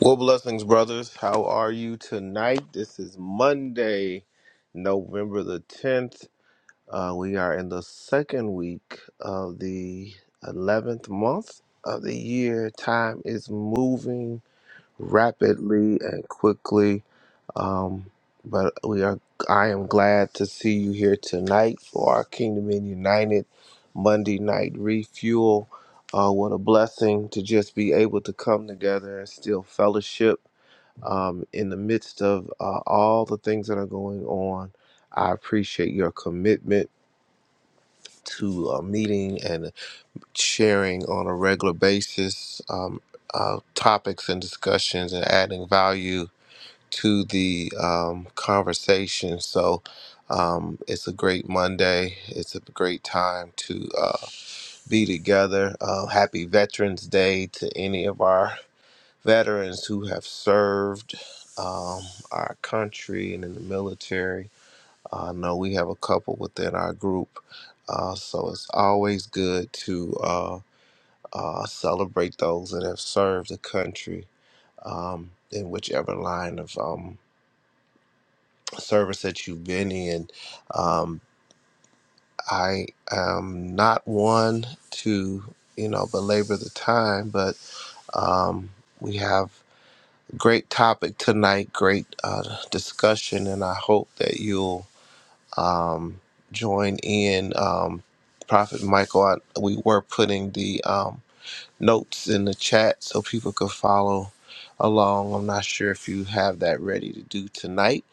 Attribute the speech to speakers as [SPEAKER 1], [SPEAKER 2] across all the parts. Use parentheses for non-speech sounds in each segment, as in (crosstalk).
[SPEAKER 1] Well, blessings, brothers. How are you tonight? This is Monday, November the 10th. Uh, we are in the second week of the 11th month of the year. Time is moving rapidly and quickly, but we are. I am glad to see you here tonight for our Kingdom in United Monday night refuel. Uh, what a blessing to just be able to come together and still fellowship um, in the midst of uh, all the things that are going on. I appreciate your commitment to uh, meeting and sharing on a regular basis um, uh, topics and discussions and adding value to the um, conversation. So um, it's a great Monday. It's a great time to uh, be together. Uh, happy Veterans Day to any of our veterans who have served um, our country and in the military. I know we have a couple within our group, uh, so it's always good to uh, uh, celebrate those that have served the country um, in whichever line of um, service that you've been in. Um, I am not one to, you know, belabor the time, but um, we have. Great topic tonight, great uh, discussion, and I hope that you'll um, join in. Um, Prophet Michael, I, we were putting the um, notes in the chat so people could follow along. I'm not sure if you have that ready to do tonight,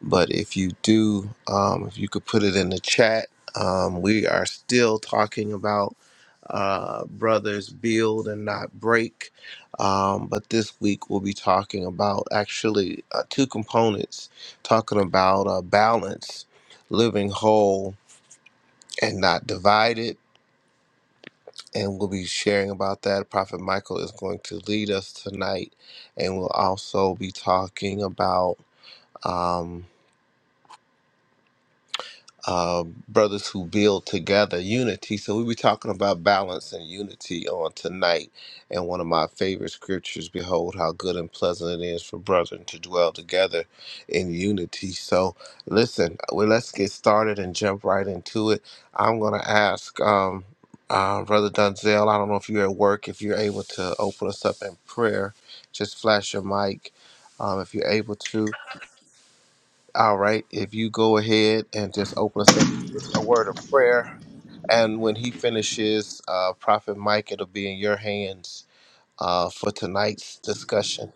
[SPEAKER 1] but if you do, um, if you could put it in the chat, um, we are still talking about uh, brothers build and not break. Um, but this week we'll be talking about actually uh, two components talking about uh, balance, living whole and not divided and we'll be sharing about that. Prophet Michael is going to lead us tonight, and we'll also be talking about. um, uh, brothers who build together unity. So we were talking about balance and unity on tonight. And one of my favorite scriptures, behold how good and pleasant it is for brethren to dwell together in unity. So listen, well, let's get started and jump right into it. I'm going to ask um, uh, Brother Dunzel, I don't know if you're at work, if you're able to open us up in prayer, just flash your mic um, if you're able to. All right, if you go ahead and just open us up with a word of prayer, and when he finishes, uh, Prophet Mike, it'll be in your hands uh, for tonight's discussion.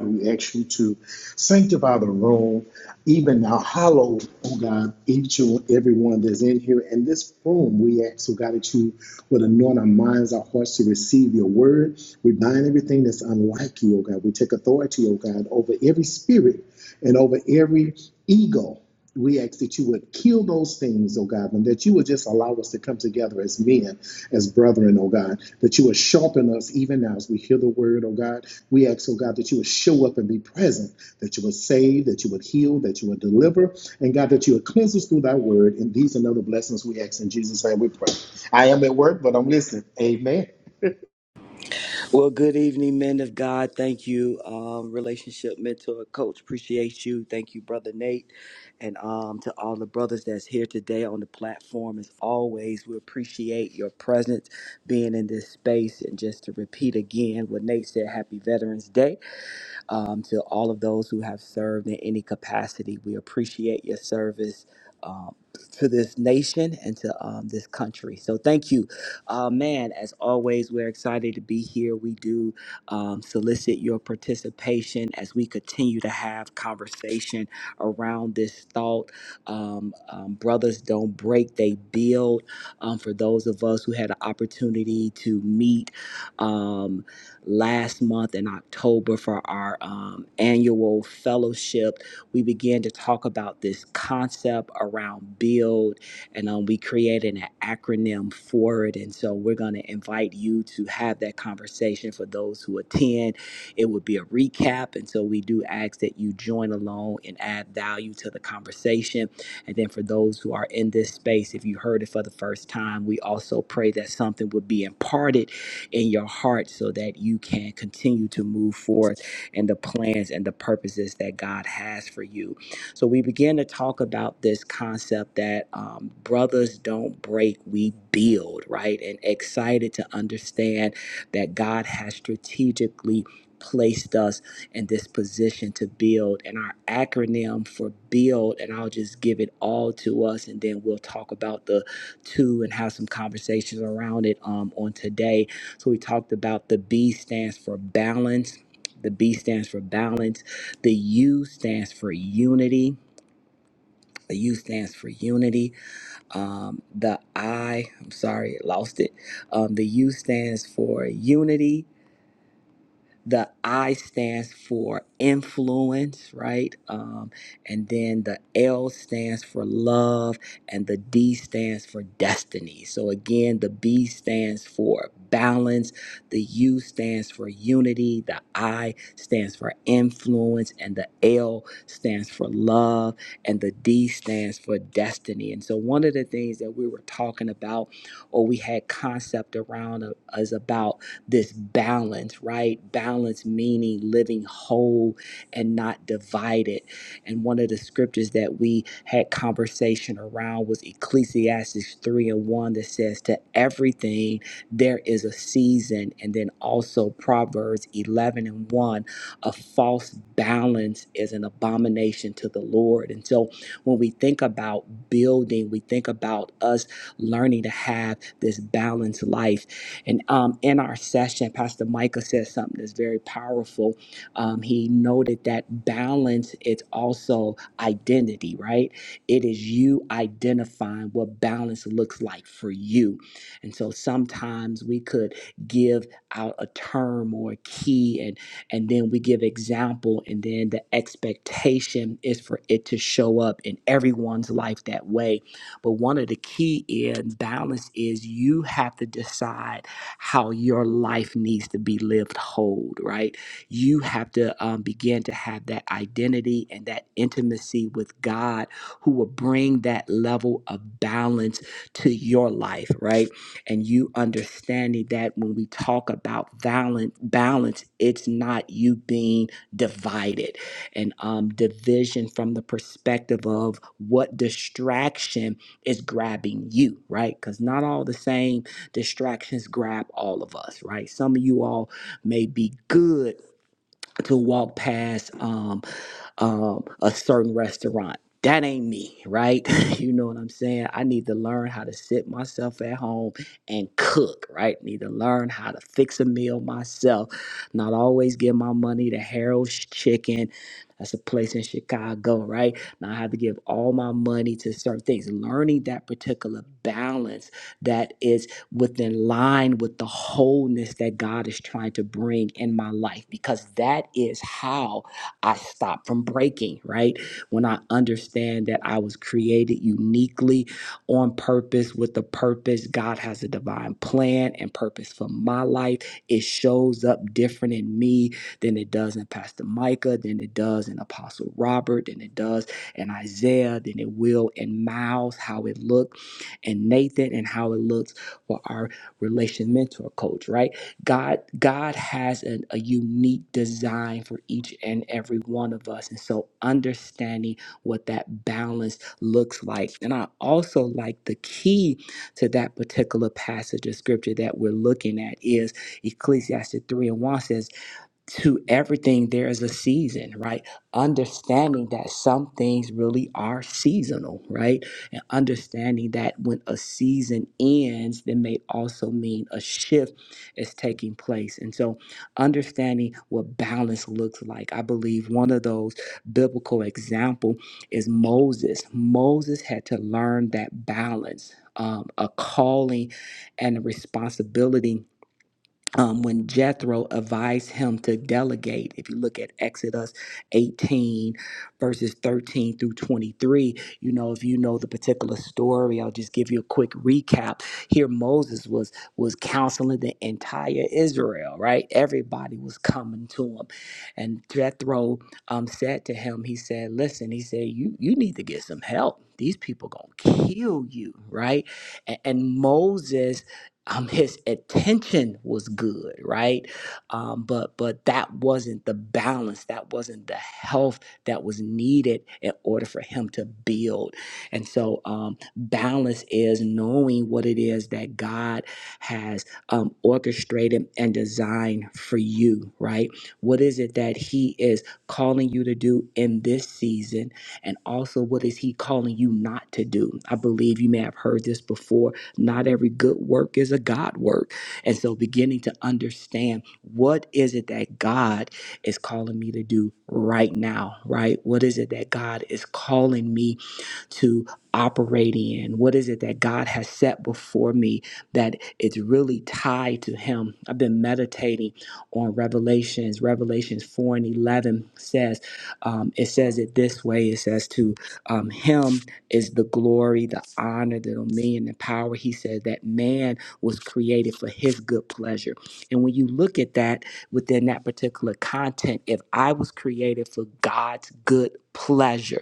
[SPEAKER 2] We ask you to sanctify the room, even now, hallow, oh God, each and everyone that's in here. In this room, we ask, oh God, that you would anoint our minds, our hearts to receive your word. We bind everything that's unlike you, oh God. We take authority, oh God, over every spirit and over every ego. We ask that you would kill those things, oh God, and that you would just allow us to come together as men, as brethren, oh God, that you would sharpen us even now as we hear the word, oh God. We ask, oh God, that you would show up and be present, that you would save, that you would heal, that you would deliver, and God, that you would cleanse us through thy word. And these and other blessings we ask in Jesus' name we pray. I am at work, but I'm listening. Amen.
[SPEAKER 3] Well, good evening, men of God. Thank you, um, relationship mentor coach. Appreciate you. Thank you, brother Nate, and um, to all the brothers that's here today on the platform. As always, we appreciate your presence, being in this space, and just to repeat again what Nate said: Happy Veterans Day um, to all of those who have served in any capacity. We appreciate your service. Um, to this nation and to um, this country. So, thank you. Uh, man, as always, we're excited to be here. We do um, solicit your participation as we continue to have conversation around this thought. Um, um, brothers don't break, they build. Um, for those of us who had an opportunity to meet um, last month in October for our um, annual fellowship. We began to talk about this concept around build, and um, we created an acronym for it. And so we're going to invite you to have that conversation for those who attend. It would be a recap. And so we do ask that you join along and add value to the conversation. And then for those who are in this space, if you heard it for the first time, we also pray that something would be imparted in your heart so that you can continue to move forth in the plans and the purposes that God has for you. So we begin to talk about this concept that um, brothers don't break, we build, right? And excited to understand that God has strategically placed us in this position to build and our acronym for build and I'll just give it all to us and then we'll talk about the two and have some conversations around it um, on today so we talked about the B stands for balance. The B stands for balance. The U stands for unity. The U stands for unity. Um, the I, I'm sorry, lost it. Um, the U stands for unity. The I stands for influence, right? Um, and then the L stands for love, and the D stands for destiny. So again, the B stands for balance, the U stands for unity, the I stands for influence, and the L stands for love, and the D stands for destiny. And so one of the things that we were talking about, or we had concept around, uh, is about this balance, right? Balance meaning living whole and not divided. And one of the scriptures that we had conversation around was Ecclesiastes 3 and 1 that says, To everything there is a season. And then also Proverbs 11 and 1, a false balance is an abomination to the Lord. And so when we think about building, we think about us learning to have this balanced life. And um, in our session, Pastor Micah said something that's very powerful. Um, he noted that balance is also identity, right? It is you identifying what balance looks like for you. And so sometimes we could give out a term or a key and and then we give example and then the expectation is for it to show up in everyone's life that way but one of the key in balance is you have to decide how your life needs to be lived whole, right? You have to um, begin to have that identity and that intimacy with God who will bring that level of balance to your life, right? And you understanding that when we talk about balance, balance, it's not you being divided and um, division from the perspective of what distraction is grabbing you, right? Because not all the same distractions grab all of us, right? Some of you all may be good to walk past. Um, um, a certain restaurant. That ain't me, right? (laughs) you know what I'm saying? I need to learn how to sit myself at home and cook, right? Need to learn how to fix a meal myself. Not always give my money to Harold's Chicken. That's a place in Chicago, right? Now I have to give all my money to certain things. Learning that particular balance that is within line with the wholeness that God is trying to bring in my life, because that is how I stop from breaking, right? When I understand that I was created uniquely on purpose with a purpose, God has a divine plan and purpose for my life. It shows up different in me than it does in Pastor Micah, than it does in Apostle Robert, than it does in Isaiah, than it will in Miles, how it looked, and Nathan, and how it looks for our relation mentor coach, right? God God has an, a unique design for each and every one of us. And so understanding what that balance looks like. And I also like the key to that particular passage of scripture that we're looking at is Ecclesiastes 3 and 1 says to everything there is a season right understanding that some things really are seasonal right and understanding that when a season ends that may also mean a shift is taking place and so understanding what balance looks like i believe one of those biblical example is moses moses had to learn that balance um, a calling and a responsibility um, when Jethro advised him to delegate. If you look at Exodus 18, verses 13 through 23, you know, if you know the particular story, I'll just give you a quick recap. Here, Moses was was counseling the entire Israel, right? Everybody was coming to him, and Jethro um, said to him, he said, "Listen," he said, "you you need to get some help." These people gonna kill you, right? A- And Moses um, his attention was good, right? Um, but but that wasn't the balance. That wasn't the health that was needed in order for him to build. And so um, balance is knowing what it is that God has um, orchestrated and designed for you, right? What is it that He is calling you to do in this season, and also what is He calling you not to do? I believe you may have heard this before not every good work is a God work. And so beginning to understand what is it that God is calling me to do right now, right? What is it that God is calling me to operate in? What is it that God has set before me that it's really tied to Him? I've been meditating on Revelations. Revelations 4 and 11 says, um, it says it this way it says, to um, Him is the glory, the honor, the dominion, the power. He said that man was created for His good pleasure. And when you look at that within that particular content, if I was created for God's good pleasure,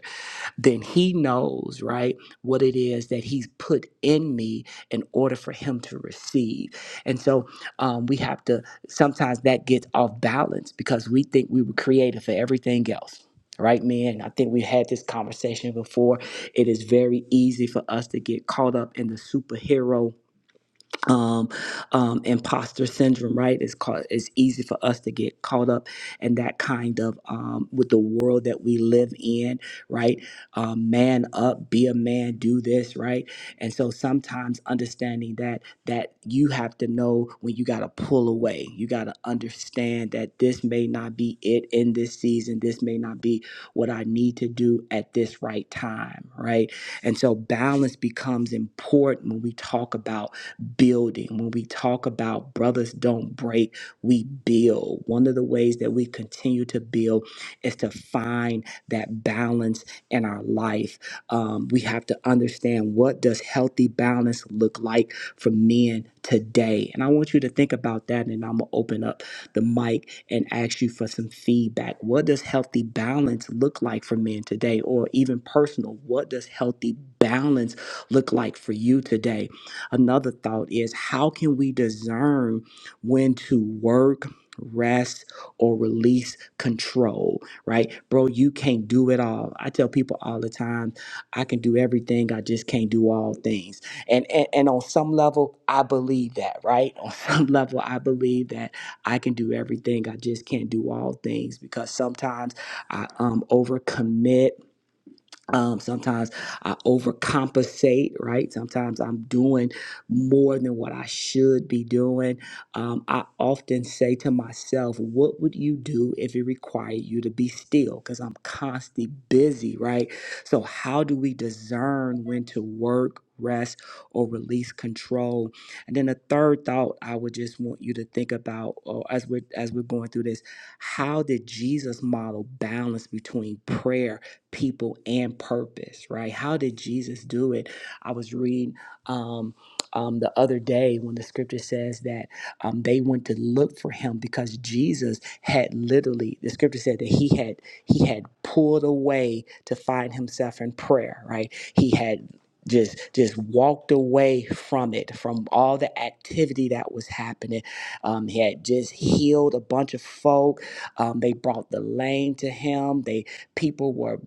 [SPEAKER 3] then he knows, right, what it is that he's put in me in order for him to receive. And so um, we have to, sometimes that gets off balance because we think we were created for everything else. Right, man. I think we have had this conversation before. It is very easy for us to get caught up in the superhero um, um, imposter syndrome, right? It's called. It's easy for us to get caught up in that kind of um, with the world that we live in, right? Um, man up, be a man, do this, right? And so sometimes understanding that that you have to know when you got to pull away. You got to understand that this may not be it in this season. This may not be what I need to do at this right time, right? And so balance becomes important when we talk about building. When we talk about brothers don't break, we build. One of the ways that we continue to build is to find that balance in our life. Um, we have to understand what does healthy balance look like for men today. And I want you to think about that and I'm gonna open up the mic and ask you for some feedback. What does healthy balance look like for men today? Or even personal, what does healthy balance look like for you today? Another thought is how can we discern when to work, rest, or release control, right? Bro, you can't do it all. I tell people all the time, I can do everything, I just can't do all things. And and, and on some level, I believe that, right? (laughs) On some level, I believe that I can do everything, I just can't do all things because sometimes I um overcommit um, sometimes I overcompensate, right? Sometimes I'm doing more than what I should be doing. Um, I often say to myself, What would you do if it required you to be still? Because I'm constantly busy, right? So, how do we discern when to work? Rest or release control, and then the third thought I would just want you to think about, or as we're as we're going through this, how did Jesus model balance between prayer people and purpose, right? How did Jesus do it? I was reading um, um, the other day when the scripture says that um, they went to look for him because Jesus had literally, the scripture said that he had he had pulled away to find himself in prayer, right? He had just just walked away from it from all the activity that was happening um, he had just healed a bunch of folk um, they brought the lame to him. They People were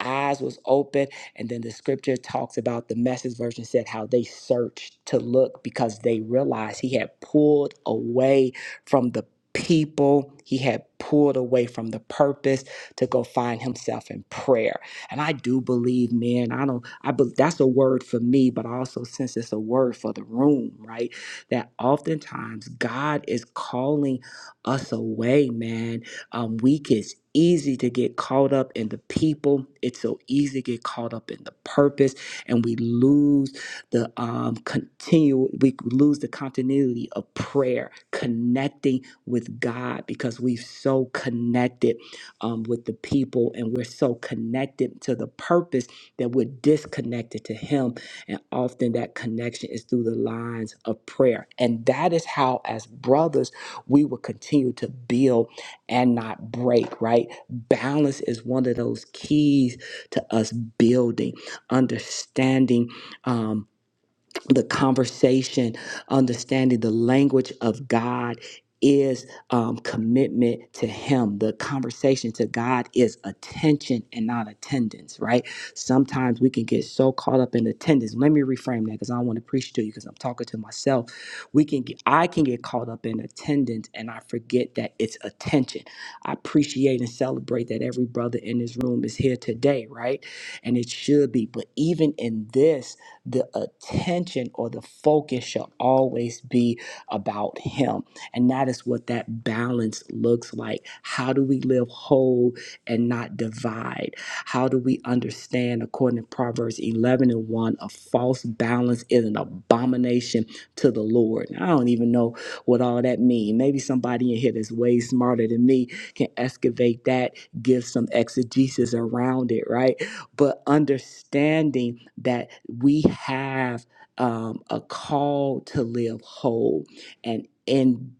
[SPEAKER 3] eyes was open, and then the scripture talks about the message version said how they searched to look because they realized he had pulled away from the people. He had pulled away from the purpose to go find himself in prayer. And I do believe, man, I don't I bel that's a word for me, but I also since it's a word for the room, right? That oftentimes God is calling us away, man um, we it's easy to get caught up in the people. It's so easy to get caught up in the purpose, and we lose the um, continue. We lose the continuity of prayer, connecting with God, because we've so connected um, with the people, and we're so connected to the purpose that we're disconnected to Him. And often that connection is through the lines of prayer, and that is how, as brothers, we will continue to build and not break, right? Balance is one of those keys to us building, understanding. um, the conversation, understanding the language of God is um, commitment to Him. The conversation to God is attention and not attendance, right? Sometimes we can get so caught up in attendance. Let me reframe that because I don't want to preach to you because I'm talking to myself. We can get, I can get caught up in attendance and I forget that it's attention. I appreciate and celebrate that every brother in this room is here today, right? And it should be. But even in this, the attention or the focus shall always be about Him. And that is what that balance looks like. How do we live whole and not divide? How do we understand, according to Proverbs 11 and 1, a false balance is an abomination to the Lord? And I don't even know what all that means. Maybe somebody in here that's way smarter than me can excavate that, give some exegesis around it, right? but understanding that we have um, a call to live whole and in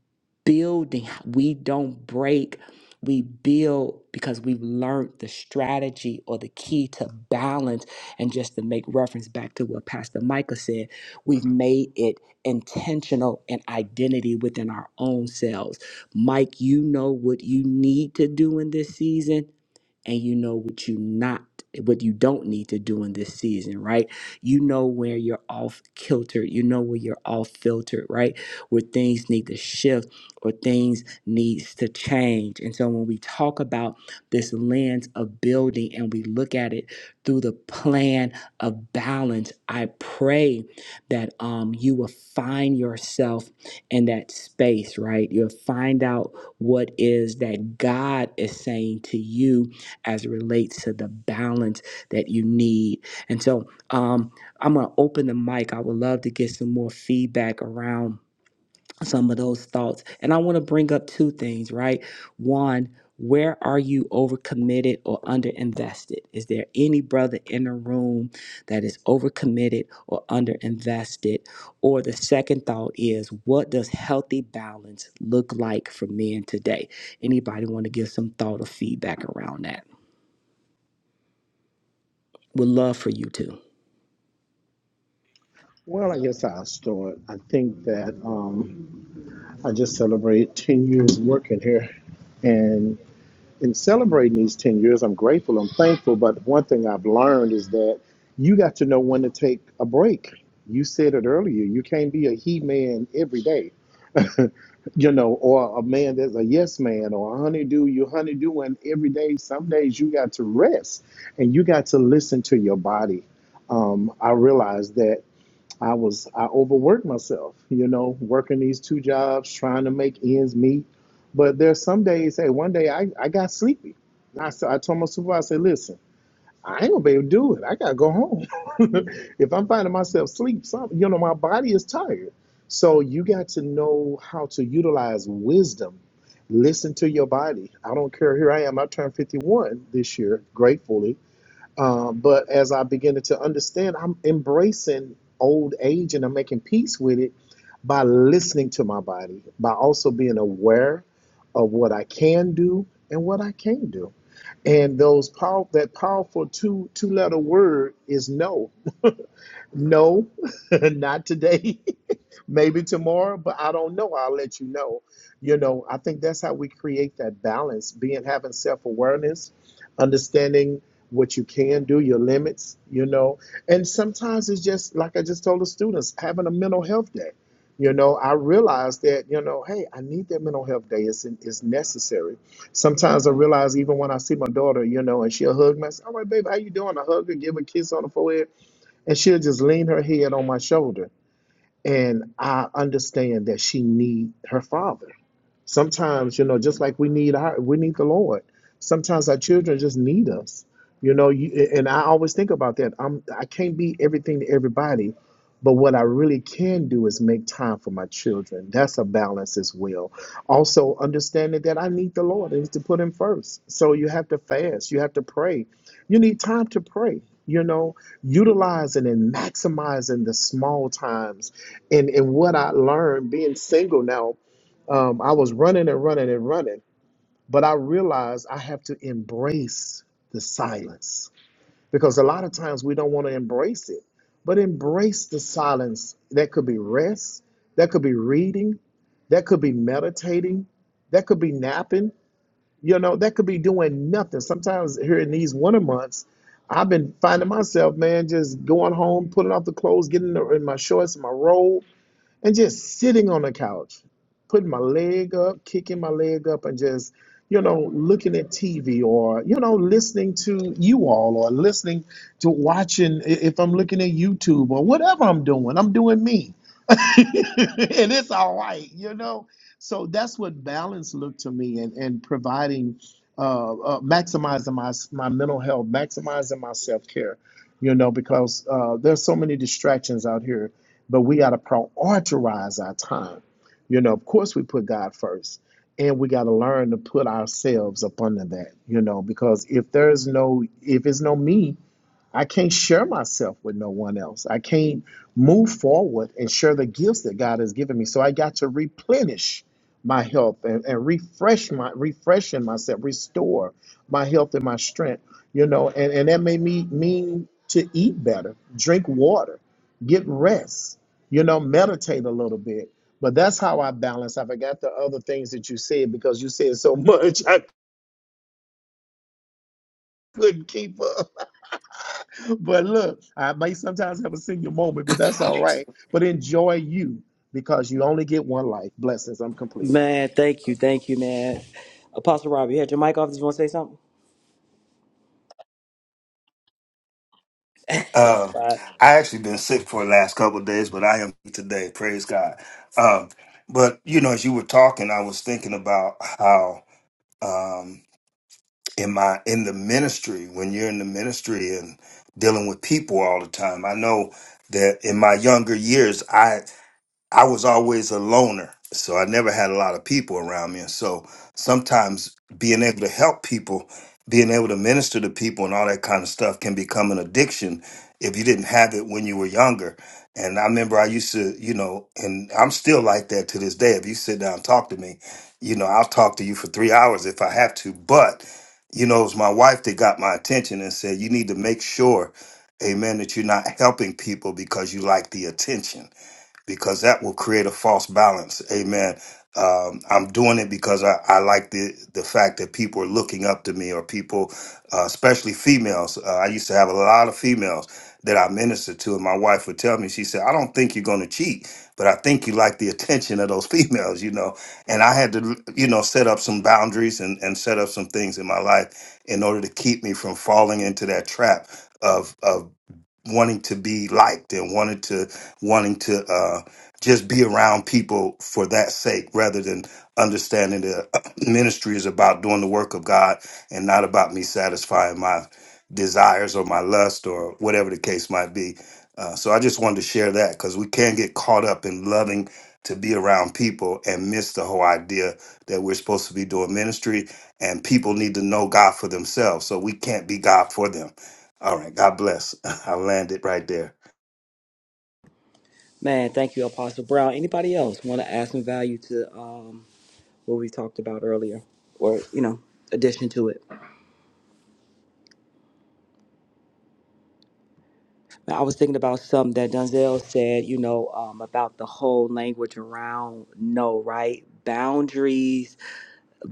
[SPEAKER 3] building we don't break we build because we've learned the strategy or the key to balance and just to make reference back to what pastor micah said we've made it intentional and identity within our own selves mike you know what you need to do in this season and you know what you not what you don't need to do in this season, right? You know where you're off kilter, you know where you're off filtered, right? Where things need to shift or things needs to change. And so when we talk about this lens of building and we look at it through the plan of balance, I pray that um you will find yourself in that space, right? You'll find out what is that God is saying to you as it relates to the balance that you need. And so um, I'm going to open the mic. I would love to get some more feedback around some of those thoughts. And I want to bring up two things, right? One, where are you overcommitted or underinvested? Is there any brother in the room that is overcommitted or underinvested? Or the second thought is, what does healthy balance look like for men today? Anybody want to give some thought or feedback around that? Would love for you to.
[SPEAKER 2] Well, I guess I'll start. I think that um, I just celebrated 10 years working here, and. in celebrating these 10 years, I'm grateful, I'm thankful. But one thing I've learned is that you got to know when to take a break. You said it earlier. You can't be a he man every day, (laughs) you know, or a man that's a yes man or a honeydew. You honeydew, and every day, some days you got to rest and you got to listen to your body. Um, I realized that I was I overworked myself, you know, working these two jobs, trying to make ends meet. But there's some days, hey, one day I, I got sleepy. And I s- I told my supervisor, I said, listen, I ain't gonna be able to do it. I gotta go home. (laughs) if I'm finding myself sleep, something you know, my body is tired. So you got to know how to utilize wisdom. Listen to your body. I don't care. Here I am. I turned 51 this year, gratefully um, but as I beginning to understand, I'm embracing old age and I'm making peace with it by listening to my body, by also being aware of what I can do and what I can't do. And those power that powerful two two letter word is no. No, (laughs) not today. (laughs) maybe tomorrow, but I don't know. I'll let you know. You know, I think that's how we create that balance, being having self-awareness, understanding what you can do, your limits, you know. And sometimes it's just like I just told the students, having a mental health day. You know, I realize that, you know, hey, I need that mental health day. It's, it's necessary. Sometimes I realize even when I see my daughter, you know, and she'll hug me. I say, All right, babe, how you doing? I hug her, give her a kiss on the forehead, and she'll just lean her head on my shoulder and I understand that she need her father. Sometimes, you know, just like we need our we need the Lord. Sometimes our children just need us. You know, you, and I always think about that. I'm I can't be everything to everybody, but what I really can do is make time for my children. That's a balance as well. Also, understanding that I need the Lord and to put him first. So you have to fast, you have to pray. You need time to pray, you know, utilizing and maximizing the small times and and what I learned being single now, um, I was running and running and running, but I realized I have to embrace the silence because a lot of times we don't want to embrace it, but embrace the silence. That could be rest, that could be reading, that could be meditating, that could be napping. You know, that could be doing nothing. Sometimes here in these winter months. I've been finding myself, man, just going home, putting off the clothes, getting in the- in my shorts, my robe, and just sitting on the couch, putting my leg up, kicking my leg up, and just, you know, looking at TV or, you know, listening to you all or listening to watching if I'm looking at YouTube or whatever I'm doing, I'm doing me. (laughs) and it's all right, you know? So that's what balance looked to me and, and providing, uh, uh, maximizing my, my mental health, maximizing my self care, you know, because uh, there's so many distractions out here but we got to prioritize our time. You know, of course, we put God first, and we got to learn to put ourselves up under that. You know, because if there's no, if it's no me, I can't share myself with no one else. I can't move forward and share the gifts that God has given me. So I got to replenish my health and, and refresh my refreshing myself, restore my health and my strength. You know, and, and that made me mean to eat better, drink water, get rest, you know, meditate a little bit. But that's how I balance. I forgot the other things that you said because you said so much (laughs) I couldn't keep up. (laughs) but look, I may sometimes have a senior moment, but that's all right. But enjoy you because you only get one life. Blessings. I'm complete.
[SPEAKER 3] Man, thank you, thank you, man. Apostle Rob, you had your mic off. Did you want to say something? Yes,
[SPEAKER 4] Uh,
[SPEAKER 3] right.
[SPEAKER 4] I actually been sick for the last couple of days, but I am today. Praise God. Um, but you know, as you were talking, I was thinking about how um, in my in the ministry, when you're in the ministry and dealing with people all the time, I know that in my younger years, I was always a loner, so I never had a lot of people around me. And so sometimes being able to help people, being able to minister to people and all that kind of stuff can become an addiction if you didn't have it when you were younger. And I remember I used to, you know, and I'm still like that to this day. If you sit down and talk to me, you know, I'll talk to you for three hours if I have to. But, you know, it was my wife that got my attention and said, you need to make sure, amen, that you're not helping people because you like the attention because that will create a false balance. Amen. Um, I'm doing it because I, I like the, the fact that people are looking up to me, or people, uh, especially females. Uh, I used to have a lot of females that I ministered to, and my wife would tell me, she said, I don't think you're going to cheat, but I think you like the attention of those (laughs) females, you know. And I had to, you know, set up some boundaries and, and set up some things in my life in order to keep me from falling into that trap. Of, of wanting to be liked and wanted to wanting to uh, just be around people for that sake rather than understanding the (clears throat) ministry is about doing the work of God and not about me satisfying my desires or my lust or whatever the case might be. Uh, so I just wanted to share that because we can get caught up in loving to be around people and miss the whole idea that we're supposed to be doing ministry and people need to know God for themselves. So we can't be God for them all right. God bless. (laughs) I'll land it right there.
[SPEAKER 3] Man, thank you, Apostle Brown. Anybody else want to add some value to um, what we talked about earlier, or you know, addition to it? I was thinking about something that Dunzel said. You know, um, about the whole language around no, right? Boundaries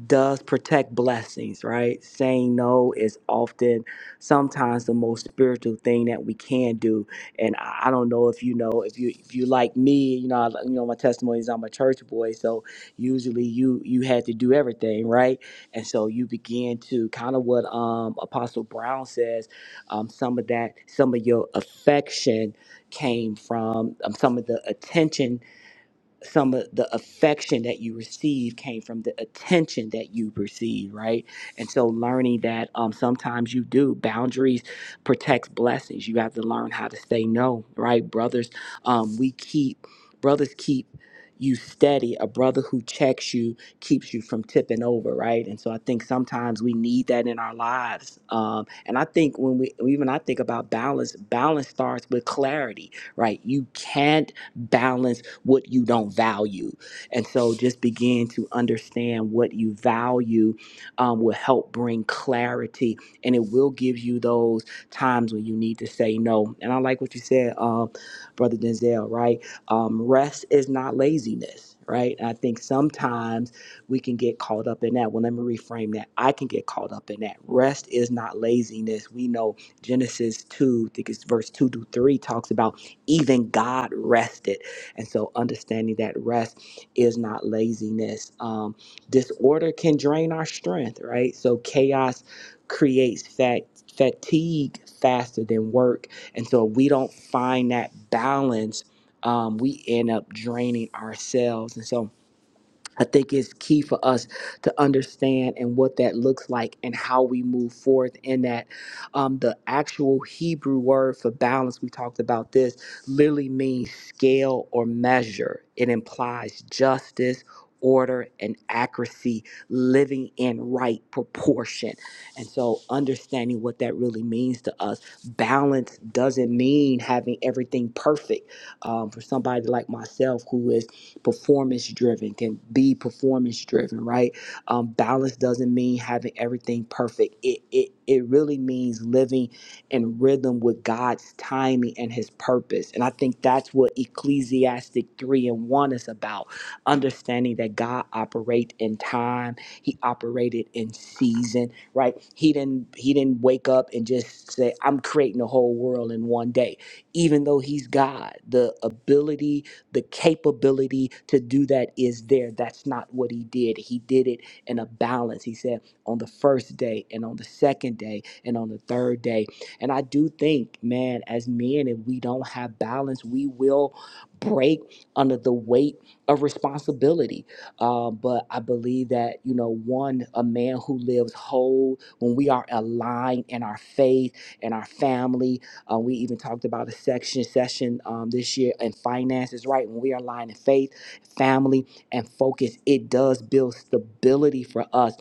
[SPEAKER 3] does protect blessings, right? Saying no is often sometimes the most spiritual thing that we can do. And I I don't know if you know if you if you like me, you know, I, you know my testimony is I'm a church boy, so usually you you had to do everything, right? And so you begin to kind of what um Apostle Brown says, um some of that some of your affection came from um, some of the attention some of the affection that you receive came from the attention that you receive, right? And so learning that um, sometimes you do boundaries protects blessings. You have to learn how to say no, right? Brothers, um, we keep brothers keep you steady. A brother who checks you keeps you from tipping over, right? And so I think sometimes we need that in our lives. Um, and I think when we even I think about balance, balance starts with clarity, right? You can't balance what you don't value. And so just begin to understand what you value um, will help bring clarity and it will give you those times when you need to say no. And I like what you said, um, Brother Denzel, right? Um, rest is not laziness, right? And I think sometimes we can get caught up in that. Well, let me reframe that. I can get caught up in that. Rest is not laziness. We know Genesis 2, I think it's verse 2 to 3, talks about even God rested. And so understanding that rest is not laziness. Um, disorder can drain our strength, right? So chaos creates fat, fatigue faster than work. And so if we don't find that balance. Um, we end up draining ourselves. And so I think it's key for us to understand and what that looks like and how we move forth in that. Um, the actual Hebrew word for balance, we talked about this, literally means scale or measure. It implies justice, order, and accuracy, living in right proportion. And so, understanding what that really means to us, balance doesn't mean having everything perfect. Um, for somebody like myself who is performance driven, can be performance driven, right? Um, balance doesn't mean having everything perfect. It, it, it really means living in rhythm with God's timing and his purpose. And I think that's what Ecclesiastic 3 and 1 is about understanding that God operates in time. He operated in season, right? He didn't he didn't wake up and just say, I'm creating the whole world in one day. Even though he's God, the ability the capability to do that is there. That's not what he did. He did it in a balance. He said on the first day and on the second day and on the third day. And I do think, man, as men, if we don't have balance, we will break under the weight of responsibility. Uh, but I believe that, you know, one, a man who lives whole, when we are aligned in our faith and our family um, we even talked about a section session um, this year and finances, right? When we are aligned in faith, family, and focus, it does build stability for us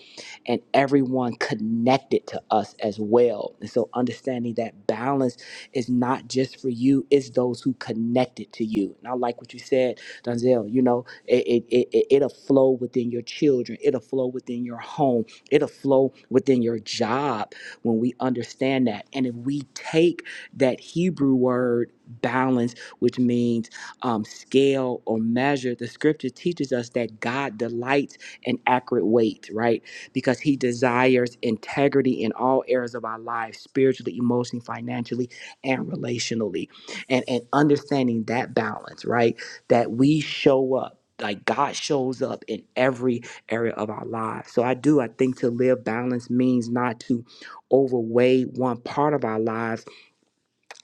[SPEAKER 3] and everyone connected to us as well. And so understanding that balance is not just for you, it's those who connected to you. And I like what you said, Donzel, you know, it, it, it- it'll flow within your children. It'll flow within your home. It'll flow within your job when we understand that. And if we take that Hebrew word balance, which means um, scale or measure. The scripture teaches us that God delights in accurate weight, right? Because he desires integrity in all areas of our lives, spiritually, emotionally, financially, and relationally. And, and understanding that balance, right? That we show up. Like God shows up in every area of our lives. So I do, I think to live balanced means not to overweigh one part of our lives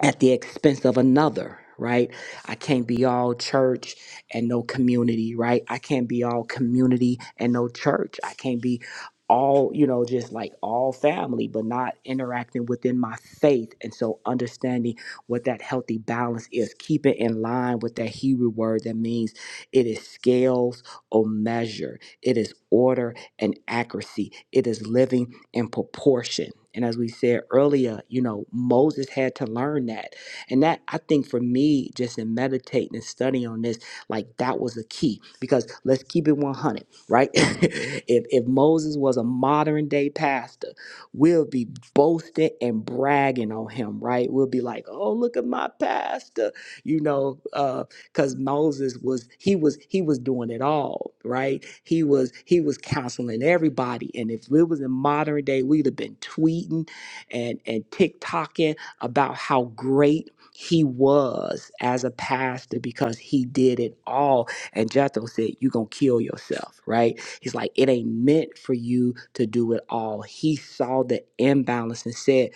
[SPEAKER 3] at the expense of another, right? I can't be all church and no community, right? I can't be all community and no church. I can't be all, you know, just like all family, but not interacting within my faith. And so understanding what that healthy balance is, keep it in line with that Hebrew word that means it is scales or measure, it is order and accuracy, it is living in proportion. And as we said earlier, you know, Moses had to learn that. And that, I think for me, just in meditating and studying on this, like that was a key because let's keep it 100, right? (laughs) if, if Moses was a modern day pastor, we'll be boasting and bragging on him, right? We'll be like, oh, look at my pastor, you know, uh, because Moses was he was he was doing it all right he was he was counseling everybody and if it was in modern day we'd have been tweeting and and TikToking about how great he was as a pastor because he did it all and Jethro said you're gonna kill yourself right he's like it ain't meant for you to do it all he saw the imbalance and said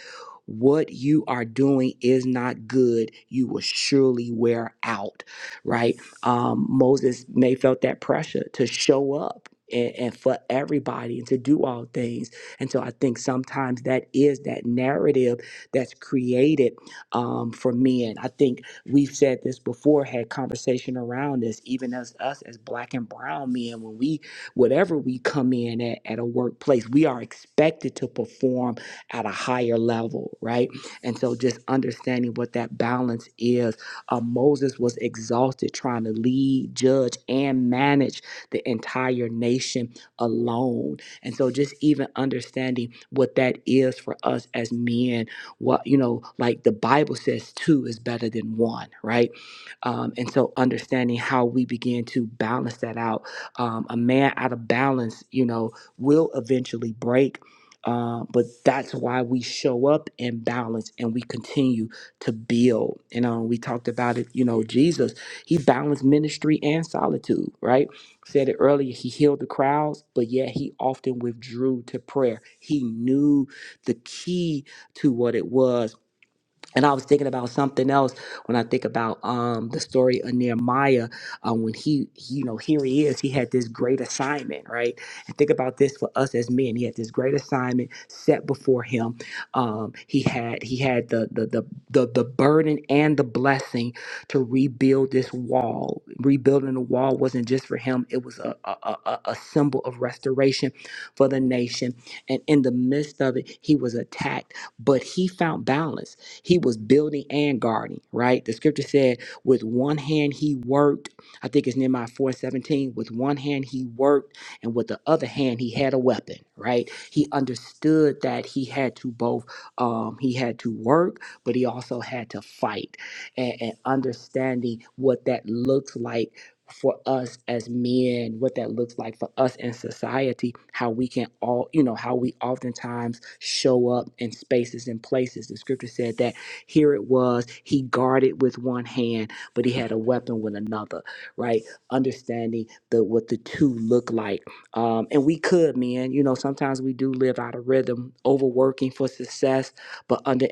[SPEAKER 3] what you are doing is not good, you will surely wear out right? Um, Moses may felt that pressure to show up and, and for everybody and to do all things. And so I think sometimes that is that narrative that's created um, for men. I think we've said this before, had conversation around this, even as us as black and brown men, when we, whatever we come in at, at a workplace, we are expected to perform at a higher level, right? And so just understanding what that balance is uh, Moses was exhausted trying to lead, judge, and manage the entire nation alone. And so, just even understanding what that is for us as men, what, you know, like the Bible says, two is better than one, right? Um, and so, understanding how we begin to balance that out. Um, a man out of balance, you know, will eventually break. Uh, but that's why we show up in balance and we continue to build. And um, we talked about it, you know, Jesus, he balanced ministry and solitude, right? Said it earlier, he healed the crowds, but yet he often withdrew to prayer. He knew the key to what it was and I was thinking about something else when I think about um, the story of Nehemiah. Um, when he, he, you know, here he is, he had this great assignment, right? And think about this for us as men. He had this great assignment set before him. Um, he had he had the the, the the the burden and the blessing to rebuild this wall. Rebuilding the wall wasn't just for him; it was a a, a, a a symbol of restoration for the nation. And in the midst of it, he was attacked, but he found balance he was building and guarding, right? The scripture said, with one hand he worked. I think it's Nehemiah 4:17. With one hand he worked, and with the other hand he had a weapon, right? He understood that he had to both, um, he had to work, but he also had to fight. And, and understanding what that looks like for us as men, what that looks like for us in society, how we can all, you know, how we oftentimes show up in spaces and places. The scripture said that here it was, he guarded with one hand, but he had a weapon with another, right? Understanding the what the two look like. Um, and we could, man, you know, sometimes we do live out of rhythm, overworking for success, but underinvesting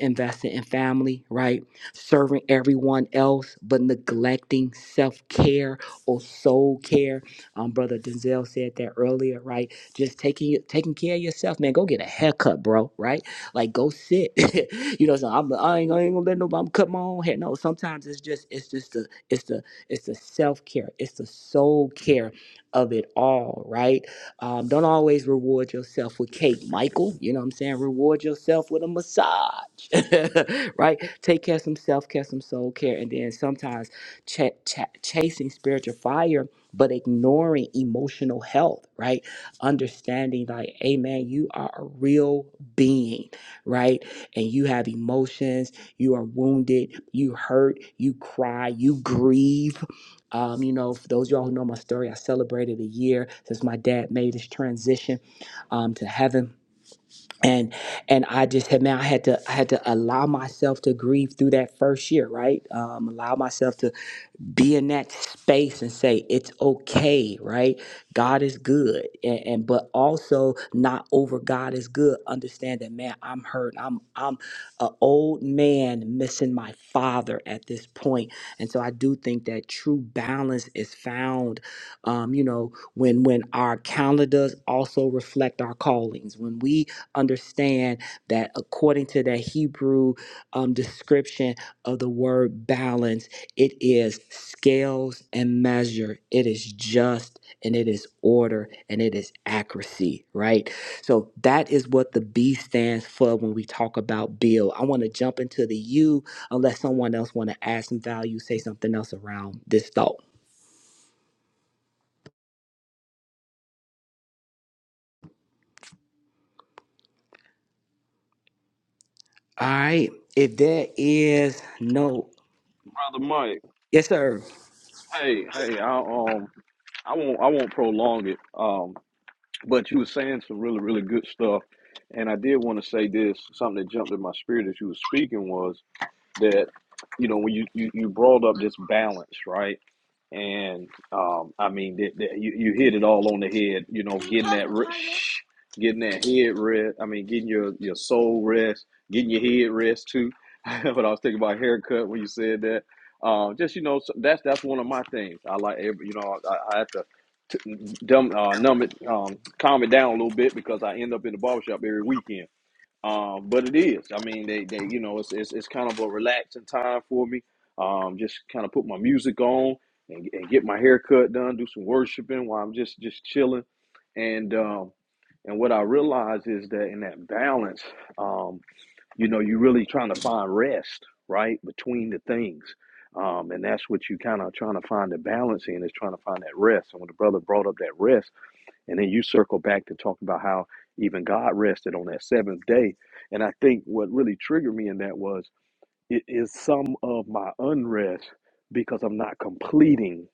[SPEAKER 3] in family, right? Serving everyone else, but neglecting self-care or soul care. Um, Brother Denzel said that earlier, right? Just taking taking care of yourself, man. Go get a haircut, bro. Right? Like go sit. (laughs) you know, so I'm, I ain't, I ain't gonna let nobody I'm cut my own hair. No, sometimes it's just it's just the it's the it's the self care, it's the soul care of it all, right? Um, don't always reward yourself with cake, Michael. You know what I'm saying? Reward yourself with a massage, (laughs) right? Take care of some self care, some soul care, and then sometimes ch- ch- chasing spiritual fire but ignoring emotional health right understanding like hey man you are a real being right and you have emotions you are wounded you hurt you cry you grieve um, you know for those of y'all who know my story i celebrated a year since my dad made his transition um, to heaven and and I just had man, I had to I had to allow myself to grieve through that first year, right? Um, allow myself to be in that space and say it's okay right god is good and, and but also not over god is good understand that man i'm hurt i'm i'm an old man missing my father at this point and so i do think that true balance is found um you know when when our calendars also reflect our callings when we understand that according to that hebrew um description of the word balance it is scales and measure. It is just and it is order and it is accuracy, right? So that is what the B stands for when we talk about bill. I want to jump into the U unless someone else want to add some value, say something else around this thought. All right. If there is no
[SPEAKER 5] brother Mike.
[SPEAKER 3] yes, sir.
[SPEAKER 5] Hey, hey, I um, I won't, I won't prolong it. Um, but you were saying some really, really good stuff, and I did want to say this. Something that jumped in my spirit as you were speaking was that, you know, when you you, you brought up this balance, right? and um, I mean, th- th- you you hit it all on the head. You know, getting that re- shh, getting that head rest. I mean, getting your your soul rest, getting your head rest too. (laughs) but I was thinking about haircut when you said that. Um, just you know, so that's that's one of my things. I like every, you know, I, I have to t- dumb, uh, numb it, um, calm it down a little bit because I end up in the barbershop every weekend um, but it is. I mean, they, they you know, it's, it's it's kind of a relaxing time for me. Um, just kind of put my music on and, and get my hair cut done, do some worshiping while I'm just just chilling. And um, and what I realize is that in that balance, um, you know, you're really trying to find rest, right, between the things. Um, and that's what you kind of trying to find the balance in is trying to find that rest. And when the brother brought up that rest. And then you circle back to talk about how even God rested on that seventh day. And I think what really triggered me in that was it is some of my unrest because I'm not completing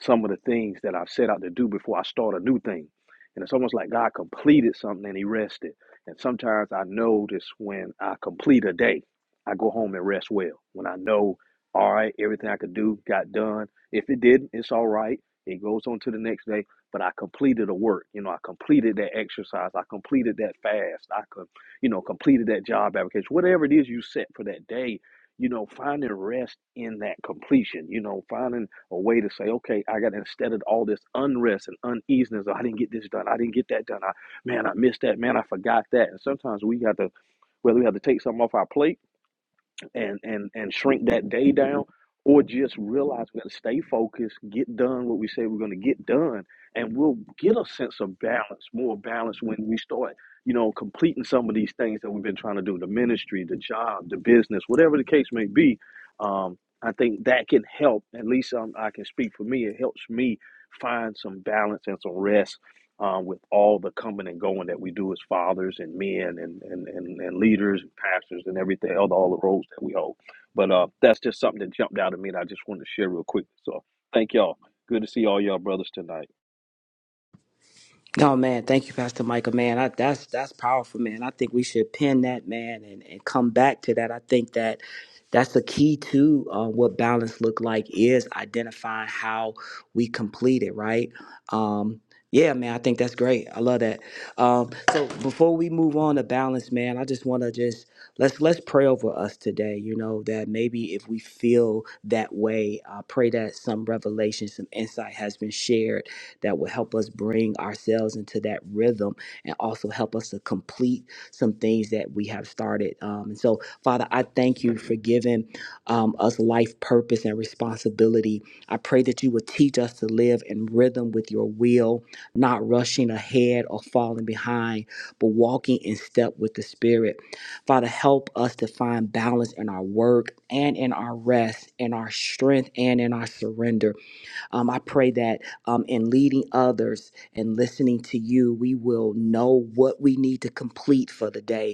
[SPEAKER 5] some of the things that I've set out to do before I start a new thing. And it's almost like God completed something and he rested. And sometimes I notice when I complete a day, I go home and rest well. When I know, all right, everything I could do got done. If it didn't, it's all right. It goes on to the next day. But I completed a work. You know, I completed that exercise. I completed that fast. I could, you know, completed that job application. Whatever it is you set for that day, you know, finding rest in that completion, you know, finding a way to say, okay, I got instead of all this unrest and uneasiness, I didn't get this done, I didn't get that done, I man, I missed that, man, I forgot that. And sometimes we got to whether we have to take something off our plate and and and shrink that day down or just realize we got to stay focused get done what we say we're going to get done and we'll get a sense of balance more balance when we start you know completing some of these things that we've been trying to do the ministry the job the business whatever the case may be um, i think that can help at least um, i can speak for me it helps me find some balance and some rest uh, with all the coming and going that we do as fathers and men and, and, and, and leaders and pastors and everything, all the, all the roles that we hold. But uh, that's just something that jumped out at me, and I just wanted to share real quick. So thank y'all. Good to see all y'all brothers tonight.
[SPEAKER 3] Oh man, thank you, Pastor Michael. Man, I, that's that's powerful, man. I think we should pin that, man, and, and come back to that. I think that that's the key to uh, what balance look like is identifying how we complete it, right? Um, yeah, man, I think that's great. I love that. Um, so before we move on to balance, man, I just want to just let's let's pray over us today. You know that maybe if we feel that way, I pray that some revelation, some insight has been shared that will help us bring ourselves into that rhythm and also help us to complete some things that we have started. Um, and so, Father, I thank you for giving um, us life purpose and responsibility. I pray that you would teach us to live in rhythm with your will, not rushing ahead or falling behind, but walking in step with the Spirit. Father, help us to find balance in our work and in our rest, in our strength and in our surrender. Um, I pray that um, in leading others and listening to you, we will know what we need to complete for the day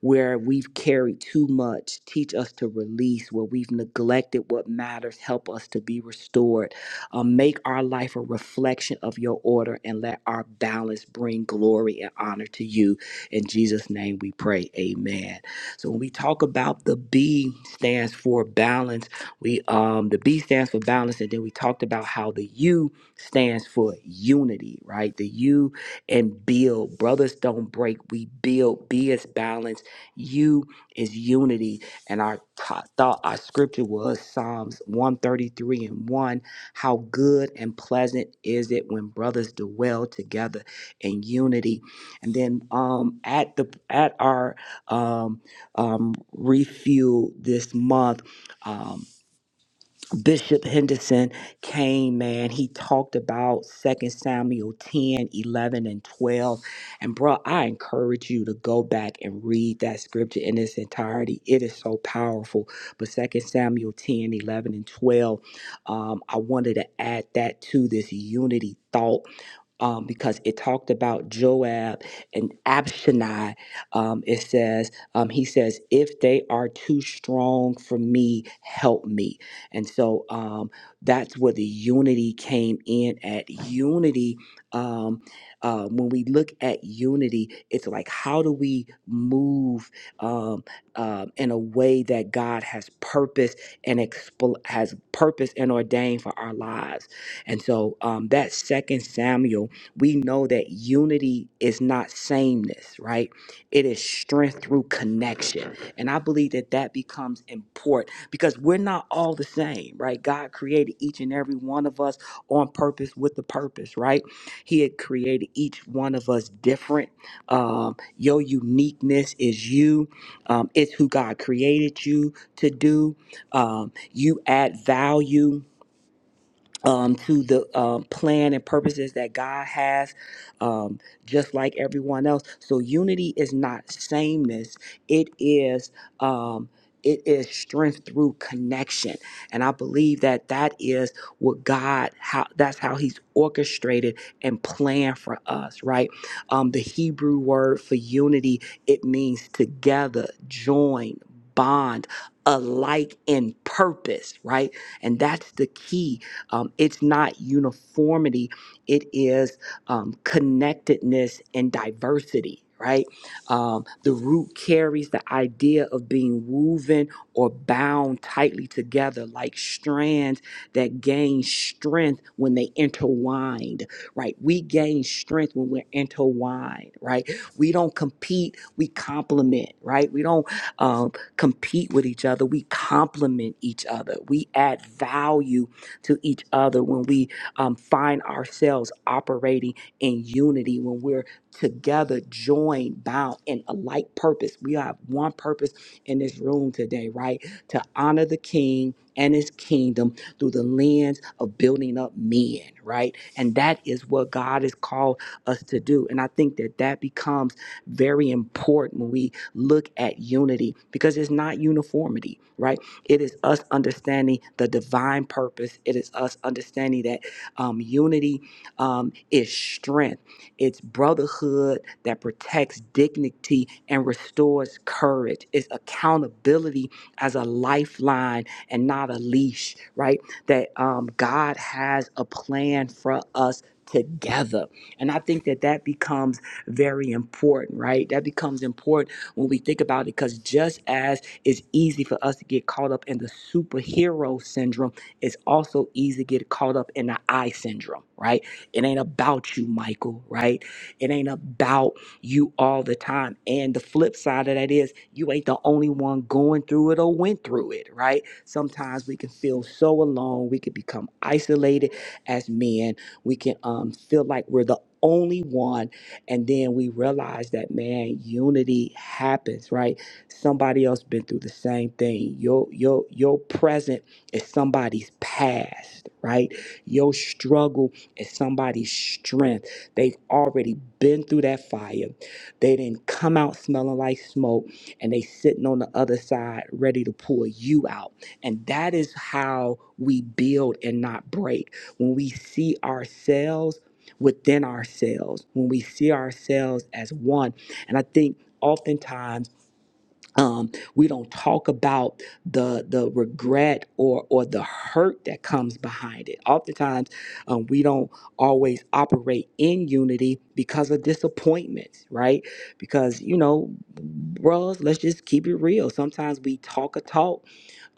[SPEAKER 3] where we've carried too much. Teach us to release where we've neglected what matters. Help us to be restored. Um, make our life a reflection of your order and let our balance bring glory and honor to you. In Jesus' name we pray. Amen. So when we talk about the B stands for balance, we um the B stands for balance, and then we talked about how the U stands for unity, right? The U and build. Brothers don't break, we build. B is balance you is unity. And our t- thought, our scripture was Psalms 133 and 1. How good and pleasant is it when brothers dwell together in unity. And then um, at the at our um, um, refuel this month. um, Bishop Henderson came, man. He talked about Second Samuel 10, 11, and 12. And, bro, I encourage you to go back and read that scripture in its entirety. It is so powerful. But Second Samuel 10, 11, and 12, um, I wanted to add that to this unity thought um, because it talked about Joab and Abishai. Um, it says, um, he says, if they are too strong for me, help me. And so um, that's where the unity came in at. Unity, um, uh, when we look at unity, it's like, how do we move um, um in a way that God has purpose and expl- has purpose and ordained for our lives? And so um, that second Samuel we know that unity is not sameness, right? It is strength through connection. And I believe that that becomes important because we're not all the same, right? God created each and every one of us on purpose with a purpose, right? He had created each one of us different. Um, your uniqueness is you, um, it's who God created you to do. Um, you add value um, to the um, plan and purposes that God has, um, just like everyone else. So unity is not sameness; it is um, it is strength through connection, and I believe that that is what God how that's how He's orchestrated and planned for us. Right? Um, the Hebrew word for unity it means together, join, bond, alike in purpose. Right? And that's the key um, it's not uniformity, it is um, connectedness and diversity. Right? Um, the root carries the idea of being woven or bound tightly together like strands that gain strength when they intertwined. Right? We gain strength when we're intertwined. Right? We don't compete, we complement. Right? We don't um, compete with each other, we complement each other. We add value to each other, when we um, find ourselves operating in unity, when we're together, joined, bound in a like purpose. We have one purpose in this room today, right? To honor the King and his kingdom through the lens of building up men, right? And that is what God has called us to do. And I think that that becomes very important when we look at unity because it's not uniformity, right? It is us understanding the divine purpose. It is us understanding that um, unity um, is strength, it's brotherhood that protects dignity and restores courage, it's accountability as a lifeline and not a leash, right? That um, God has a plan for us together. And I think that that becomes very important, right? That becomes important when we think about it because just as it's easy for us to get caught up in the superhero syndrome. It's also easy to get caught up in the I syndrome, right? It ain't about you, Michael, right? It ain't about you all the time. And the flip side of that is you ain't the only one going through it or went through it, right? Sometimes we can feel so alone. We can become isolated as men. We can um, feel like we're the only one. And then we realize that, man, unity happens, right? Somebody else been through the same thing. Your your your present is somebody's past, right? Your struggle is somebody's strength. They've already been through that fire. They didn't come out smelling like smoke, and they sitting on the other side ready to pull you out. And that is how we build and not break. When we see ourselves within ourselves, when we see ourselves as one. And I think oftentimes um, we don't talk about the the regret or or the hurt that comes behind it. Oftentimes, um, we don't always operate in unity because of disappointments, right? Because you know, bros, let's just keep it real. Sometimes we talk a talk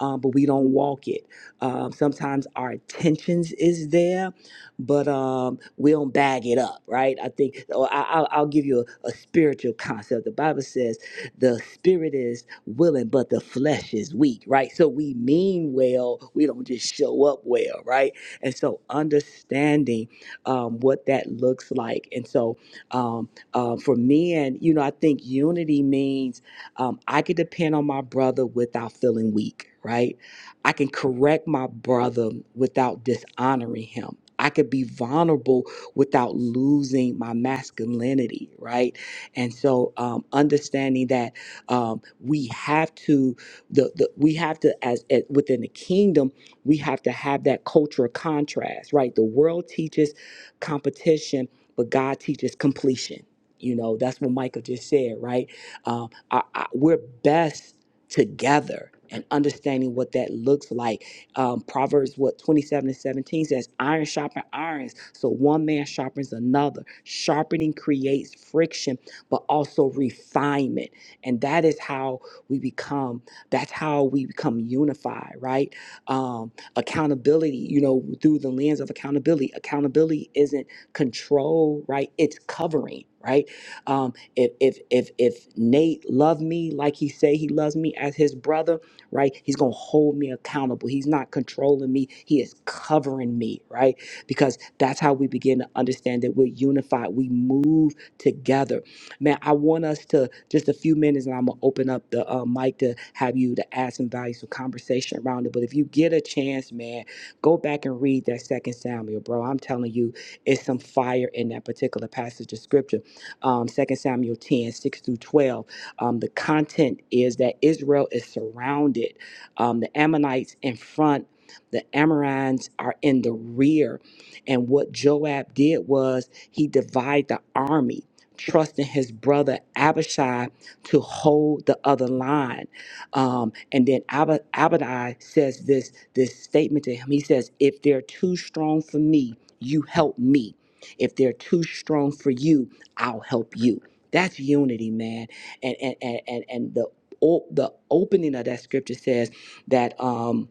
[SPEAKER 3] uh, but we don't walk it. Um, sometimes our intentions is there, but um, we don't bag it up, right? I think or I, I'll, I'll give you a, a spiritual concept. The Bible says the spirit is willing, but the flesh is weak, right? So we mean well, we don't just show up well, right? And so understanding um, what that looks like, and so um, uh, for men, you know, I think unity means. Um, I can depend on my brother without feeling weak, right? I can correct my brother without dishonoring him. I could be vulnerable without losing my masculinity, right? And so, um, understanding that um, we have to, the, the we have to as, as within the kingdom, we have to have that culture of contrast, right? The world teaches competition, but God teaches completion. You know, that's what Michael just said, right? Um, I, I, we're best together and understanding what that looks like. Um, Proverbs what 27 and 17 says, iron sharpens irons. So one man sharpens another. Sharpening creates friction, but also refinement. And that is how we become, that's how we become unified, right? Um, accountability, you know, through the lens of accountability. Accountability isn't control, right? It's covering, right? Um, if if if if Nate loved me like he say he loves me as his brother, right? He's gonna hold me accountable. He's not controlling me. He is covering me, right? Because that's how we begin to understand that we're unified. We move together. Man, I want us to just a few minutes, and I'm gonna open up the uh, mic to have you to add some valuable conversation around it. But if you get a chance, man, go back and read that Second Samuel, bro. I'm telling you, it's some fire in that particular passage of scripture um, 2 Samuel 10 6 through 12. Um, the content is that Israel is surrounded. Um, the Ammonites in front, the Amorites are in the rear. And what Joab did was he divided the army, trusting his brother Abishai to hold the other line. Um, and then Ab- Abadai says this, this statement to him. He says, If they're too strong for me, you help me. If they're too strong for you, I'll help you. That's unity, man. And and and and, and the o- the opening of that scripture says that um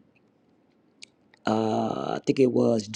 [SPEAKER 3] uh I think it was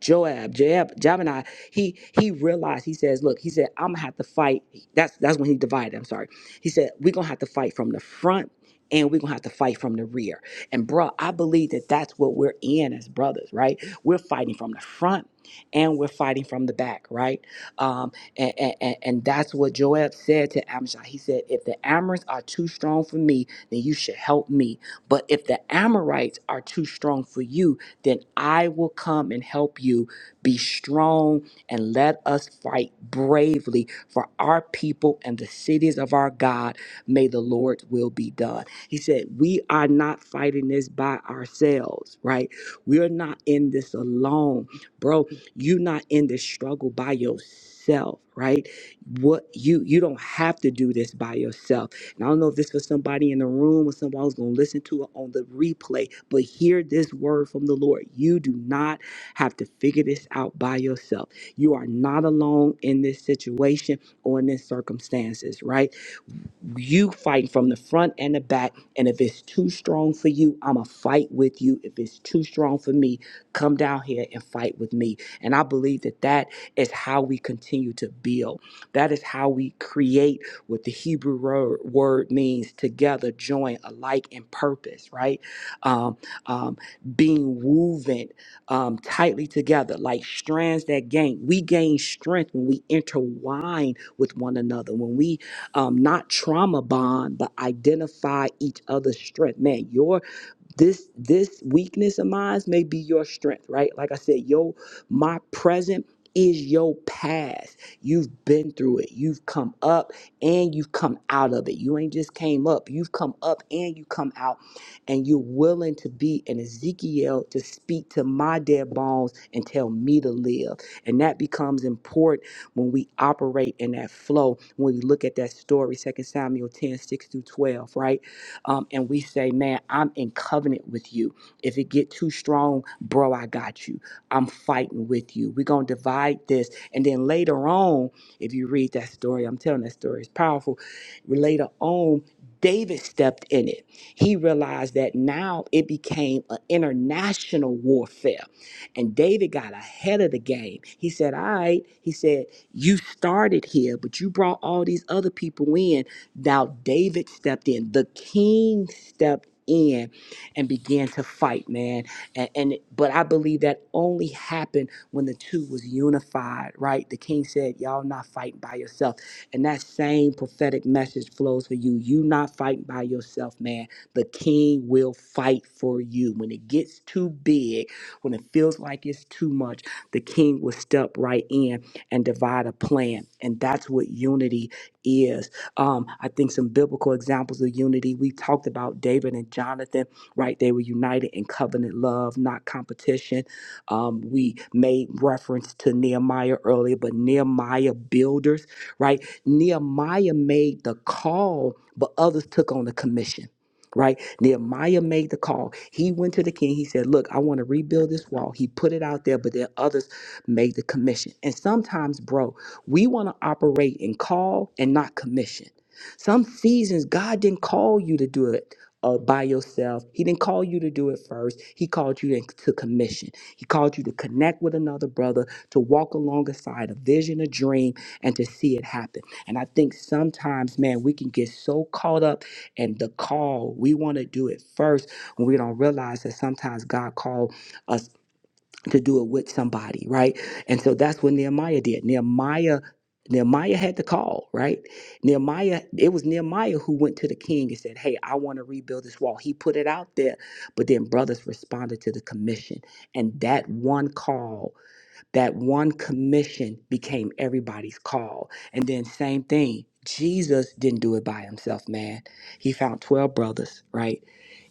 [SPEAKER 3] Joab, Joab, Jabini, he he realized, he says, look, he said, I'm gonna have to fight. That's that's when he divided, I'm sorry. He said, We're gonna have to fight from the front and we're gonna have to fight from the rear. And bro, I believe that that's what we're in as brothers, right? We're fighting from the front and we're fighting from the back, right? Um, and, and, and that's what Joab said to Amishai. He said, If the Amorites are too strong for me, then you should help me. But if the Amorites are too strong for you, then I will come and help you. Be strong and let us fight bravely for our people and the cities of our God. May the Lord's will be done. He said, We are not fighting this by ourselves, right? We're not in this alone. Bro, you're not in this struggle by yourself, right? What you you don't have to do this by yourself and I don't know if this was somebody in the room or somebody who's going to listen to it on the replay, but hear this word from the Lord. You do not have to figure this out by yourself. You are not alone in this situation or in these circumstances, right? you fight from the front and the back. And if it's too strong for you, I'ma fight with you. If it's too strong for me, come down here and fight with me. And I believe that that is how we continue to build. That is how we create what the Hebrew word, word means: together, join, alike in purpose. Right? Um, um, being woven um, tightly together, like strands that gain. We gain strength when we intertwine with one another. When we um, not trauma bond, but identify each other's strength. Man, your this this weakness of mine may be your strength right like i said yo my present is your past you've been through it you've come up and you've come out of it you ain't just came up you've come up and you come out and you're willing to be an ezekiel to speak to my dead bones and tell me to live and that becomes important when we operate in that flow when we look at that story Second samuel 10 6 through 12 right um, and we say, man, I'm in covenant with you. If it get too strong, bro, I got you. I'm fighting with you. We're going to divide this. And then later on, if you read that story, I'm telling that story, it's powerful. Later on, David stepped in it. He realized that now it became an international warfare. And David got ahead of the game. He said, All right. He said, you started here, but you brought all these other people in. Now David stepped in. The king stepped in and began to fight, man. And, and but I believe that only happened when the two was unified, right? The king said, Y'all not fighting by yourself. And that same prophetic message flows for you. You not fighting by yourself, man. The king will fight for you. When it gets too big, when it feels like it's too much, the king will step right in and divide a plan. And that's what unity is. Um, I think some biblical examples of unity, we talked about David and Jonathan, right? They were united in covenant love, not competition. Um, we made reference to Nehemiah earlier, but Nehemiah builders, right? Nehemiah made the call, but others took on the commission. Right? Nehemiah made the call. He went to the king. He said, Look, I want to rebuild this wall. He put it out there, but there are others Made the commission. And sometimes, bro, we want to operate in call and not commission. Some seasons, God didn't call you to do it uh, by yourself. He didn't call you to do it first. He called you to to commission. He called you to connect with another brother, to walk alongside a vision, a dream, and to see it happen. And I think sometimes, man, we can get so caught up in the call. We want to do it first when we don't realize that sometimes God called us to do it with somebody, right? And so that's what Nehemiah did. Nehemiah Nehemiah had the call, right? Nehemiah, it was Nehemiah who went to the king and said, Hey, I want to rebuild this wall. He put it out there, but then brothers responded to the commission. And that one call, that one commission became everybody's call. And then, same thing, Jesus didn't do it by himself, man. He found 12 brothers, right?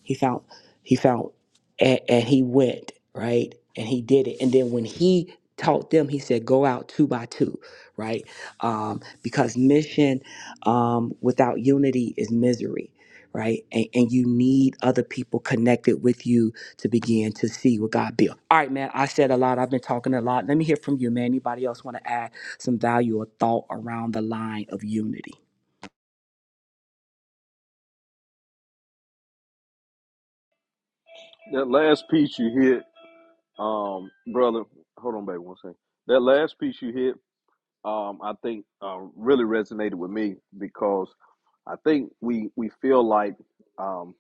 [SPEAKER 3] He found he found and, and he went, right? And he did it. And then when he taught them, he said, go out two by two, right? Um, because mission um, without unity is misery. Right. And, and you need other people connected with you to begin to see what God built. All right, man. I said a lot. I've been talking a lot. Let me hear from you, man. Anybody else want to add some value or thought around the line of unity?
[SPEAKER 5] That last piece you hit, um, brother, hold on, baby, one second. That last piece you hit, um, I think uh, really resonated with me because I think we we feel like um,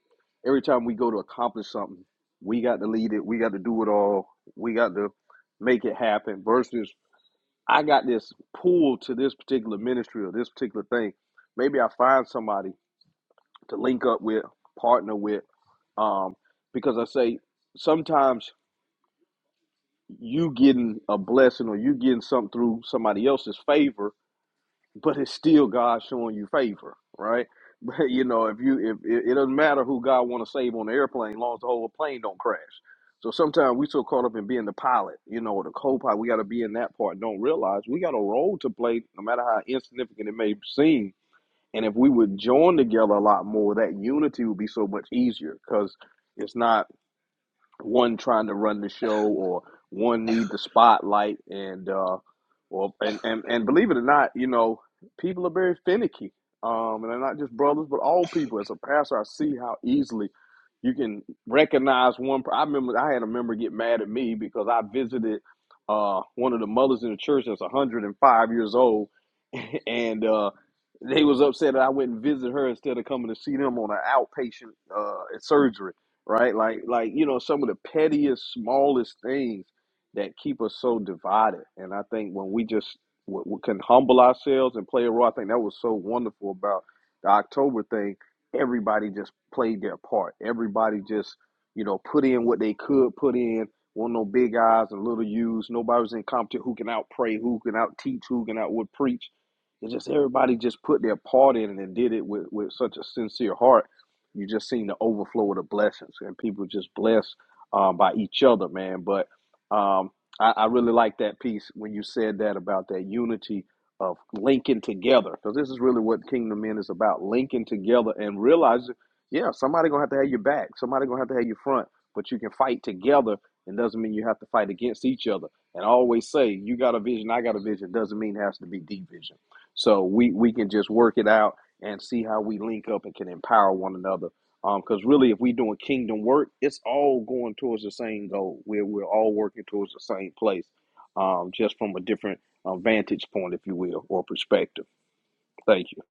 [SPEAKER 5] every time we go to accomplish something, we got to lead it, we got to do it all, we got to make it happen. Versus, I got this pull to this particular ministry or this particular thing. Maybe I find somebody to link up with, partner with, um, because I say sometimes you getting a blessing or you getting something through somebody else's favor but it's still God showing you favor, right? (laughs) But you know, if you if it, it doesn't matter who God want to save on the airplane, as long as the whole plane don't crash. So sometimes we so caught up in being the pilot, you know, or the co-pilot, we got to be in that part. Don't realize we got a role to play, no matter how insignificant it may seem. And if we would join together a lot more, that unity would be so much easier because it's not one trying to run the show or one need the spotlight and uh or and, and and believe it or not you know people are very finicky um and they're not just brothers but all people as a pastor i see how easily you can recognize one i remember i had a member get mad at me because i visited uh one of the mothers in the church that's 105 years old (laughs) and uh, they was upset that I went and visited her instead of coming to see them on an outpatient uh, surgery, right? Like, like you know, some of the pettiest, smallest things that keep us so divided. And I think when we just w- w- can humble ourselves and play a role, I think that was so wonderful about the October thing. Everybody just played their part. Everybody just, you know, put in what they could put in. Were no big eyes and little U's. Nobody was in competition. Who can out pray? Who can out teach? Who can out would preach? It's just everybody just put their part in it and did it with, with such a sincere heart. You just seen the overflow of the blessings and people just blessed um, by each other, man. But um, I, I really like that piece when you said that about that unity of linking together because this is really what Kingdom Men is about linking together and realizing, yeah, somebody gonna have to have your back, somebody gonna have to have your front, but you can fight together. and doesn't mean you have to fight against each other. And I always say, you got a vision, I got a vision. Doesn't mean it has to be division so we we can just work it out and see how we link up and can empower one another. Um, because really, if we are doing kingdom work, it's all going towards the same goal. We're we're all working towards the same place, um, just from a different uh, vantage point, if you will, or perspective. Thank you,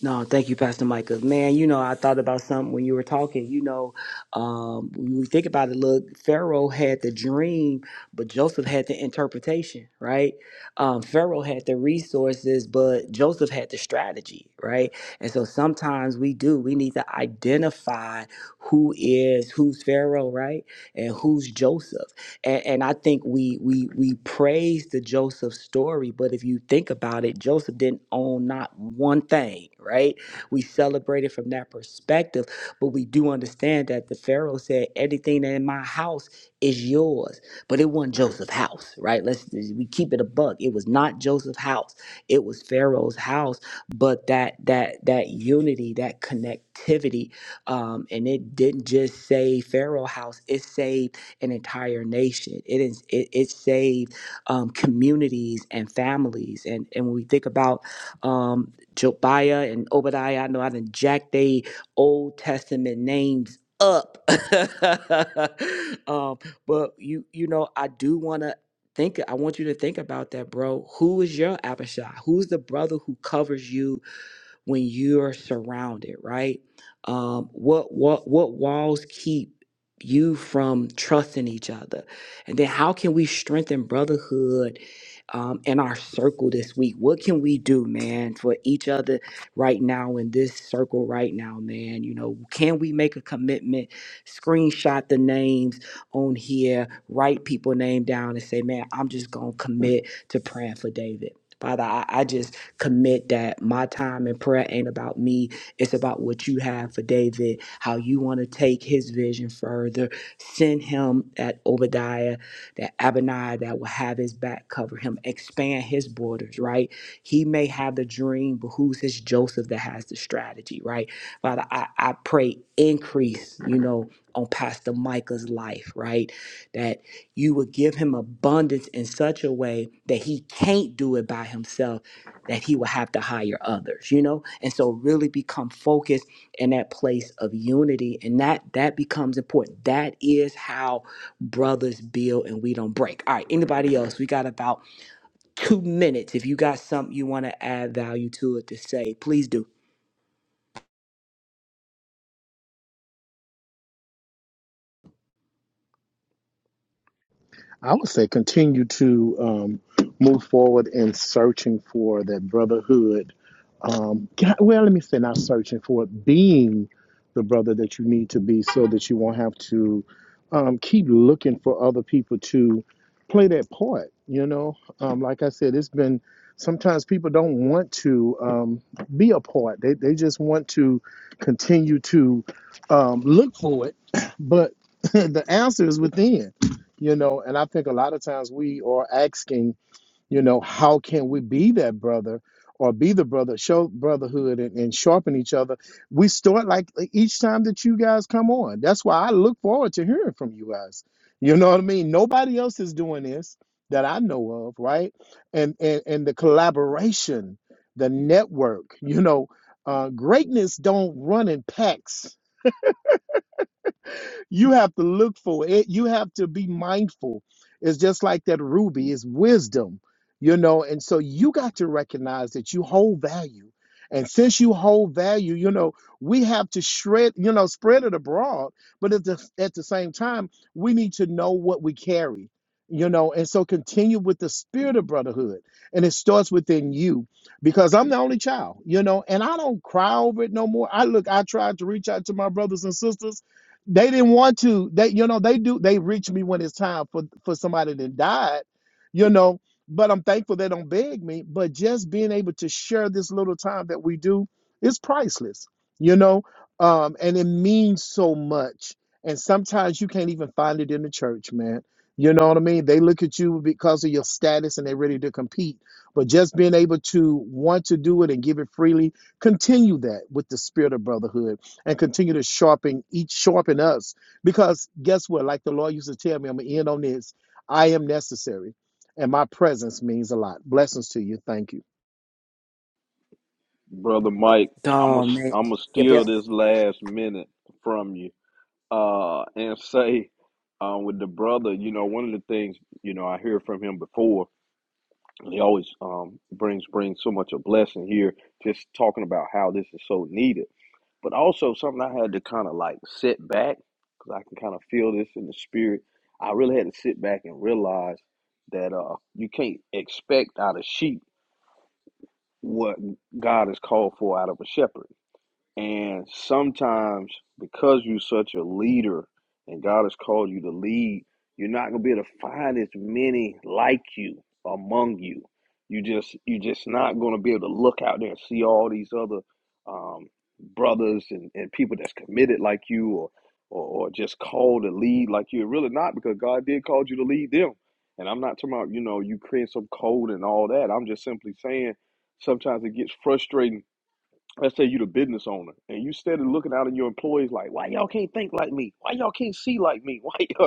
[SPEAKER 3] No, thank you, Pastor Micah. Man, you know, I thought about something when you were talking. You know, um, when we think about it, look, Pharaoh had the dream, but Joseph had the interpretation, right? Um, Pharaoh had the resources, but Joseph had the strategy, right? And so sometimes we do, we need to identify who is who's Pharaoh, right? And who's Joseph and, and I think we we we praise the Joseph story, but if you think about it, Joseph didn't own not one thing, right? We celebrate it from that perspective, but we do understand that the Pharaoh said, "Anything that in my house is yours," but it wasn't Joseph's house, right? Let's we keep it a buck. It was not Joseph's house; it was Pharaoh's house. But that that that unity, that connectivity, um, and it didn't just save Pharaoh's house; it saved an entire nation. It is it, it saved um, communities and families. And and when we think about um, Jobiah and Obadiah, I know I done jacked they Old Testament names up. (laughs) um, but you you know I do want to think. I want you to think about that, bro. Who is your Abishai? Who's the brother who covers you? when you're surrounded, right? Um, what what what walls keep you from trusting each other? And then how can we strengthen brotherhood um, in our circle this week? What can we do, man, for each other right now in this circle right now, man? You know, can we make a commitment? Screenshot the names on here, write people name down, and say, man, I'm just gonna commit to praying for David. Father, I, I just commit that my time in prayer ain't about me. It's about what you have for David, how you want to take his vision further. Send him that Obadiah, that Abaniah that will have his back, cover him, expand his borders, right? He may have the dream, but who's his Joseph that has the strategy, right? Father, I, I pray increase, you know, on Pastor Micah's life, right? That you would give him abundance in such a way that he can't do it by himself that he will have to hire others you know and so really become focused in that place of unity and that that becomes important that is how brothers build and we don't break all right anybody else we got about two minutes if you got something you want to add value to it to say please do
[SPEAKER 2] I would say continue to um, move forward in searching for that brotherhood um, God, well, let me say not searching for it, being the brother that you need to be so that you won't have to um, keep looking for other people to play that part. You know, um, like I said, it's been sometimes people don't want to um, be a part, they, they just want to continue to um, look for it, (clears throat) but (laughs) the answer is within. You know, and I think a lot of times we are asking you know how can we be that brother or be the brother show brotherhood and, and sharpen each other we start like e-, each time that you guys come on that's why i look forward to hearing from you guys you know what i mean nobody else is doing this that i know of right and and, and the collaboration the network you know uh, greatness don't run in packs you have to look for it. You have to be mindful. It's just like that ruby is wisdom, you know. And so you got to recognize that you hold value. And since you hold value, you know, we have to shred, you know, spread it abroad. But at the at the same time, we need to know what we carry, you know, and so continue with the spirit of brotherhood. And it starts within you because I'm the only child, you know, and I don't cry over it no more. I look, I tried to reach out to my brothers and sisters they didn't want to. They, you know, they do. They reach me when it's time for for somebody that died, you know. But I'm thankful they don't beg me. But just being able to share this little time that we do is priceless, you know. Um, and it means so much. And sometimes you can't even find it in the church, man. You know what I mean? They look at you because of your status and they're ready to compete. But just being able to want to do it and give it freely, continue that with the spirit of brotherhood and continue to sharpen each sharpen us. Because guess what? Like the Lord used to tell me, I'm gonna end on this. I am necessary, and my presence means a lot. Blessings to you. Thank you.
[SPEAKER 5] brother Mike. I'm
[SPEAKER 3] oh
[SPEAKER 5] gonna
[SPEAKER 3] man
[SPEAKER 5] I'm gonna
[SPEAKER 3] yep yep
[SPEAKER 5] steal this last minute from you, uh, and say, uh, with the brother, you know, one of the things you know I hear from him before He always um, brings brings so much a blessing here, just talking about how this is so needed. But also something I had to kind of like sit back because I can kind of feel this in the spirit. I really had to sit back and realize that uh, you can't expect out of sheep what God has called for out of a shepherd and sometimes, because you're such a leader and God has called you to lead, you're not gonna be able to find as many like you among you. You just you're just not gonna be able to look out there and see all these other um, brothers and, and people that's committed like you or, or or just called to lead like you. Really not because God did call you to lead them. And I'm not talking about, you know, you creating some code and all that. I'm just simply saying sometimes it gets frustrating let's say you are the business owner and you started looking out at your employees like why y'all can't think like me why y'all can't see like me (laughs) why y'all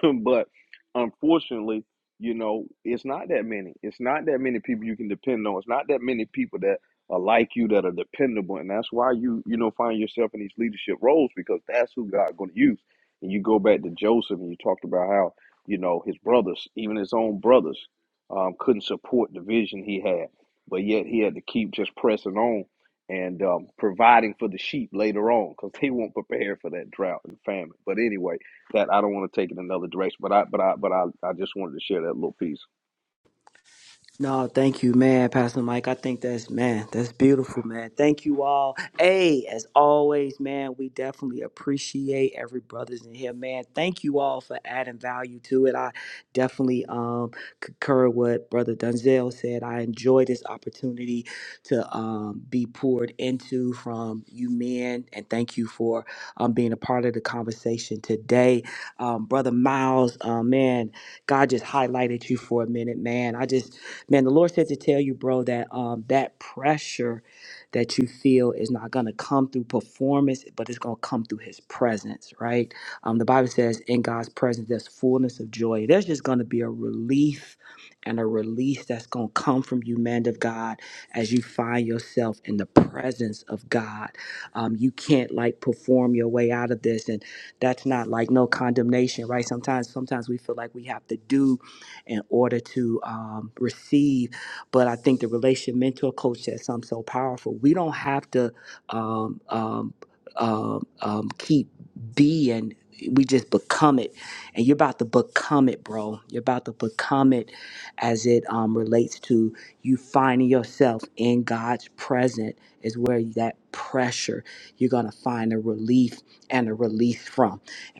[SPEAKER 5] (coughs) (clears throat) but unfortunately, you know, it's not that many. It's not that many people you can depend on. It's not that many people that are like you that are dependable, and that's why you you know find yourself in these leadership roles because that's who God going to use. And you go back to Joseph, and you talked about how you know his brothers, even his own brothers, um, couldn't support the vision he had, but yet he had to keep just pressing on and um, providing for the sheep later on because they weren't prepared for that drought and famine. But anyway that I don't want to take it another direction. But I but I but I, I just wanted to share that little piece.
[SPEAKER 3] No, thank you, man, Pastor Mike. I think that's man, that's beautiful, man. Thank you all. Hey, as always, man, we definitely appreciate every brothers in here, man. Thank you all for adding value to it. I definitely um concur what Brother Dunzel said. I enjoy this opportunity to um be poured into from you men, and thank you for um being a part of the conversation today. Um, Brother Miles, uh, man, God just highlighted you for a minute, man. I just Man, the Lord said to tell you, bro, that um that pressure that you feel is not gonna come through performance, but it's gonna come through his presence, right? Um, the Bible says in God's presence there's fullness of joy. There's just gonna be a relief and a release that's gonna come from you, man of God, as you find yourself in the presence of God. Um, you can't like perform your way out of this and that's not like no condemnation right sometimes sometimes we feel like we have to do in order to um, receive. But I think the relation mentor coach said something so powerful. We don't have to um, um, um, um, keep being. We just become it, and you're about to become it, bro. You're about to become it, as it um, relates to you finding yourself in God's presence is where that pressure you're gonna find a relief and a release from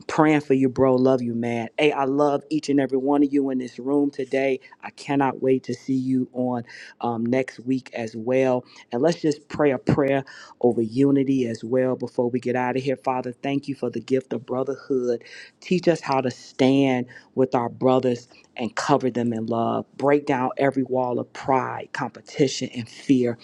[SPEAKER 3] praying for you, bro. Love you, man. Hey, I love each and every one of you in this room today. I cannot wait to see you on um, next week as well. And let's just pray a prayer over unity as well before we get out of here. Father, thank you for the gift of brotherhood. Teach us how to stand with our brothers and cover them in love. Break down every wall of pride, competition, and fear.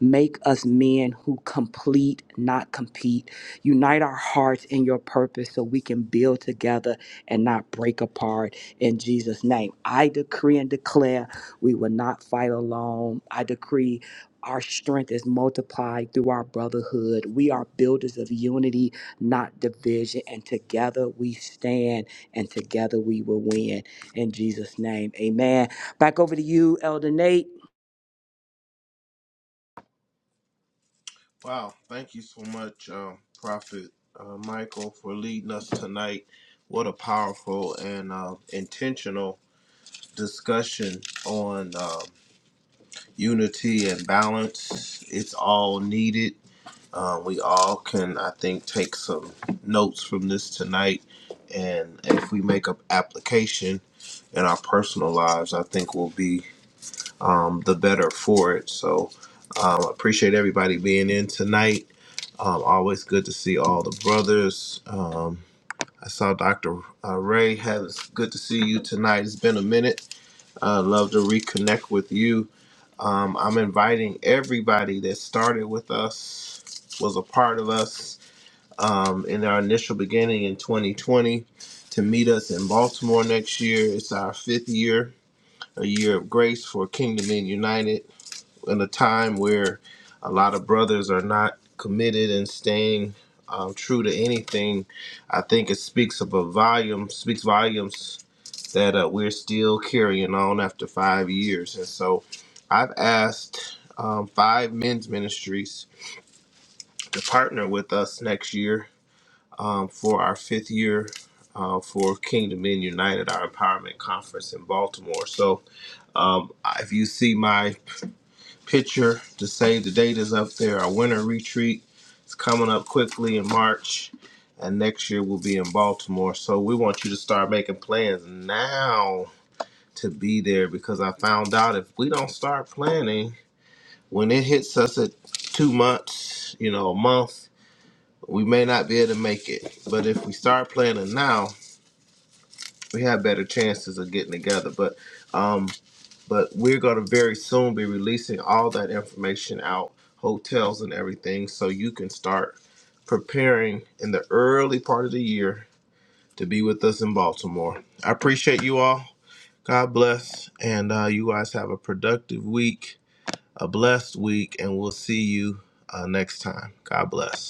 [SPEAKER 3] Make us men who complete, not compete Unite our hearts in your purpose so we can build together and not break apart in Jesus' name. I decree and declare we will not fight alone. I decree our strength is multiplied through our brotherhood. We are builders of unity, not division. And together we stand and together we will win. In Jesus' name, amen. Back over to you, Elder Nate.
[SPEAKER 1] Wow, thank you so much, um, Prophet uh, Michael, for leading us tonight. What a powerful and uh, intentional discussion on um unity and balance. It's all needed. Um, we all can, I think, take some notes from this tonight. And if we make an application in our personal lives, I think we'll be um, the better for it. So um, I appreciate everybody being in tonight. Um, always good to see all the brothers. Um, I saw Dr. Uh, Ray. Have it's good to see you tonight. It's been a minute. Uh, love to reconnect with you. Um, I'm inviting everybody that started with us, was a part of us, um, in our initial beginning in 2020 to meet us in Baltimore next year. It's our fifth year, a year of grace for Kingdom Men United, in a time where a lot of brothers are not committed and staying um, true to anything. I think it speaks of a volume, speaks volumes that uh, we're still carrying on after five years. And so I've asked um, five men's ministries to partner with us next year um, for our fifth year uh, for Kingdom Men United, our empowerment conference in Baltimore. So um, if you see my picture to say the date is up there, our winter retreat is coming up quickly in March. And next year we'll be in Baltimore. So we want you to start making plans now to be there because I found out if we don't start planning, when it hits us at two months, you know, a month, we may not be able to make it. But if we start planning now, we have better chances of getting together. But um, but we're gonna very soon be releasing all that information out, hotels and everything, so you can start preparing in the early part of the year to be with us in Baltimore. I appreciate you all. God bless, and uh, you guys have a productive week, a blessed week, and we'll see you uh, next time. God bless.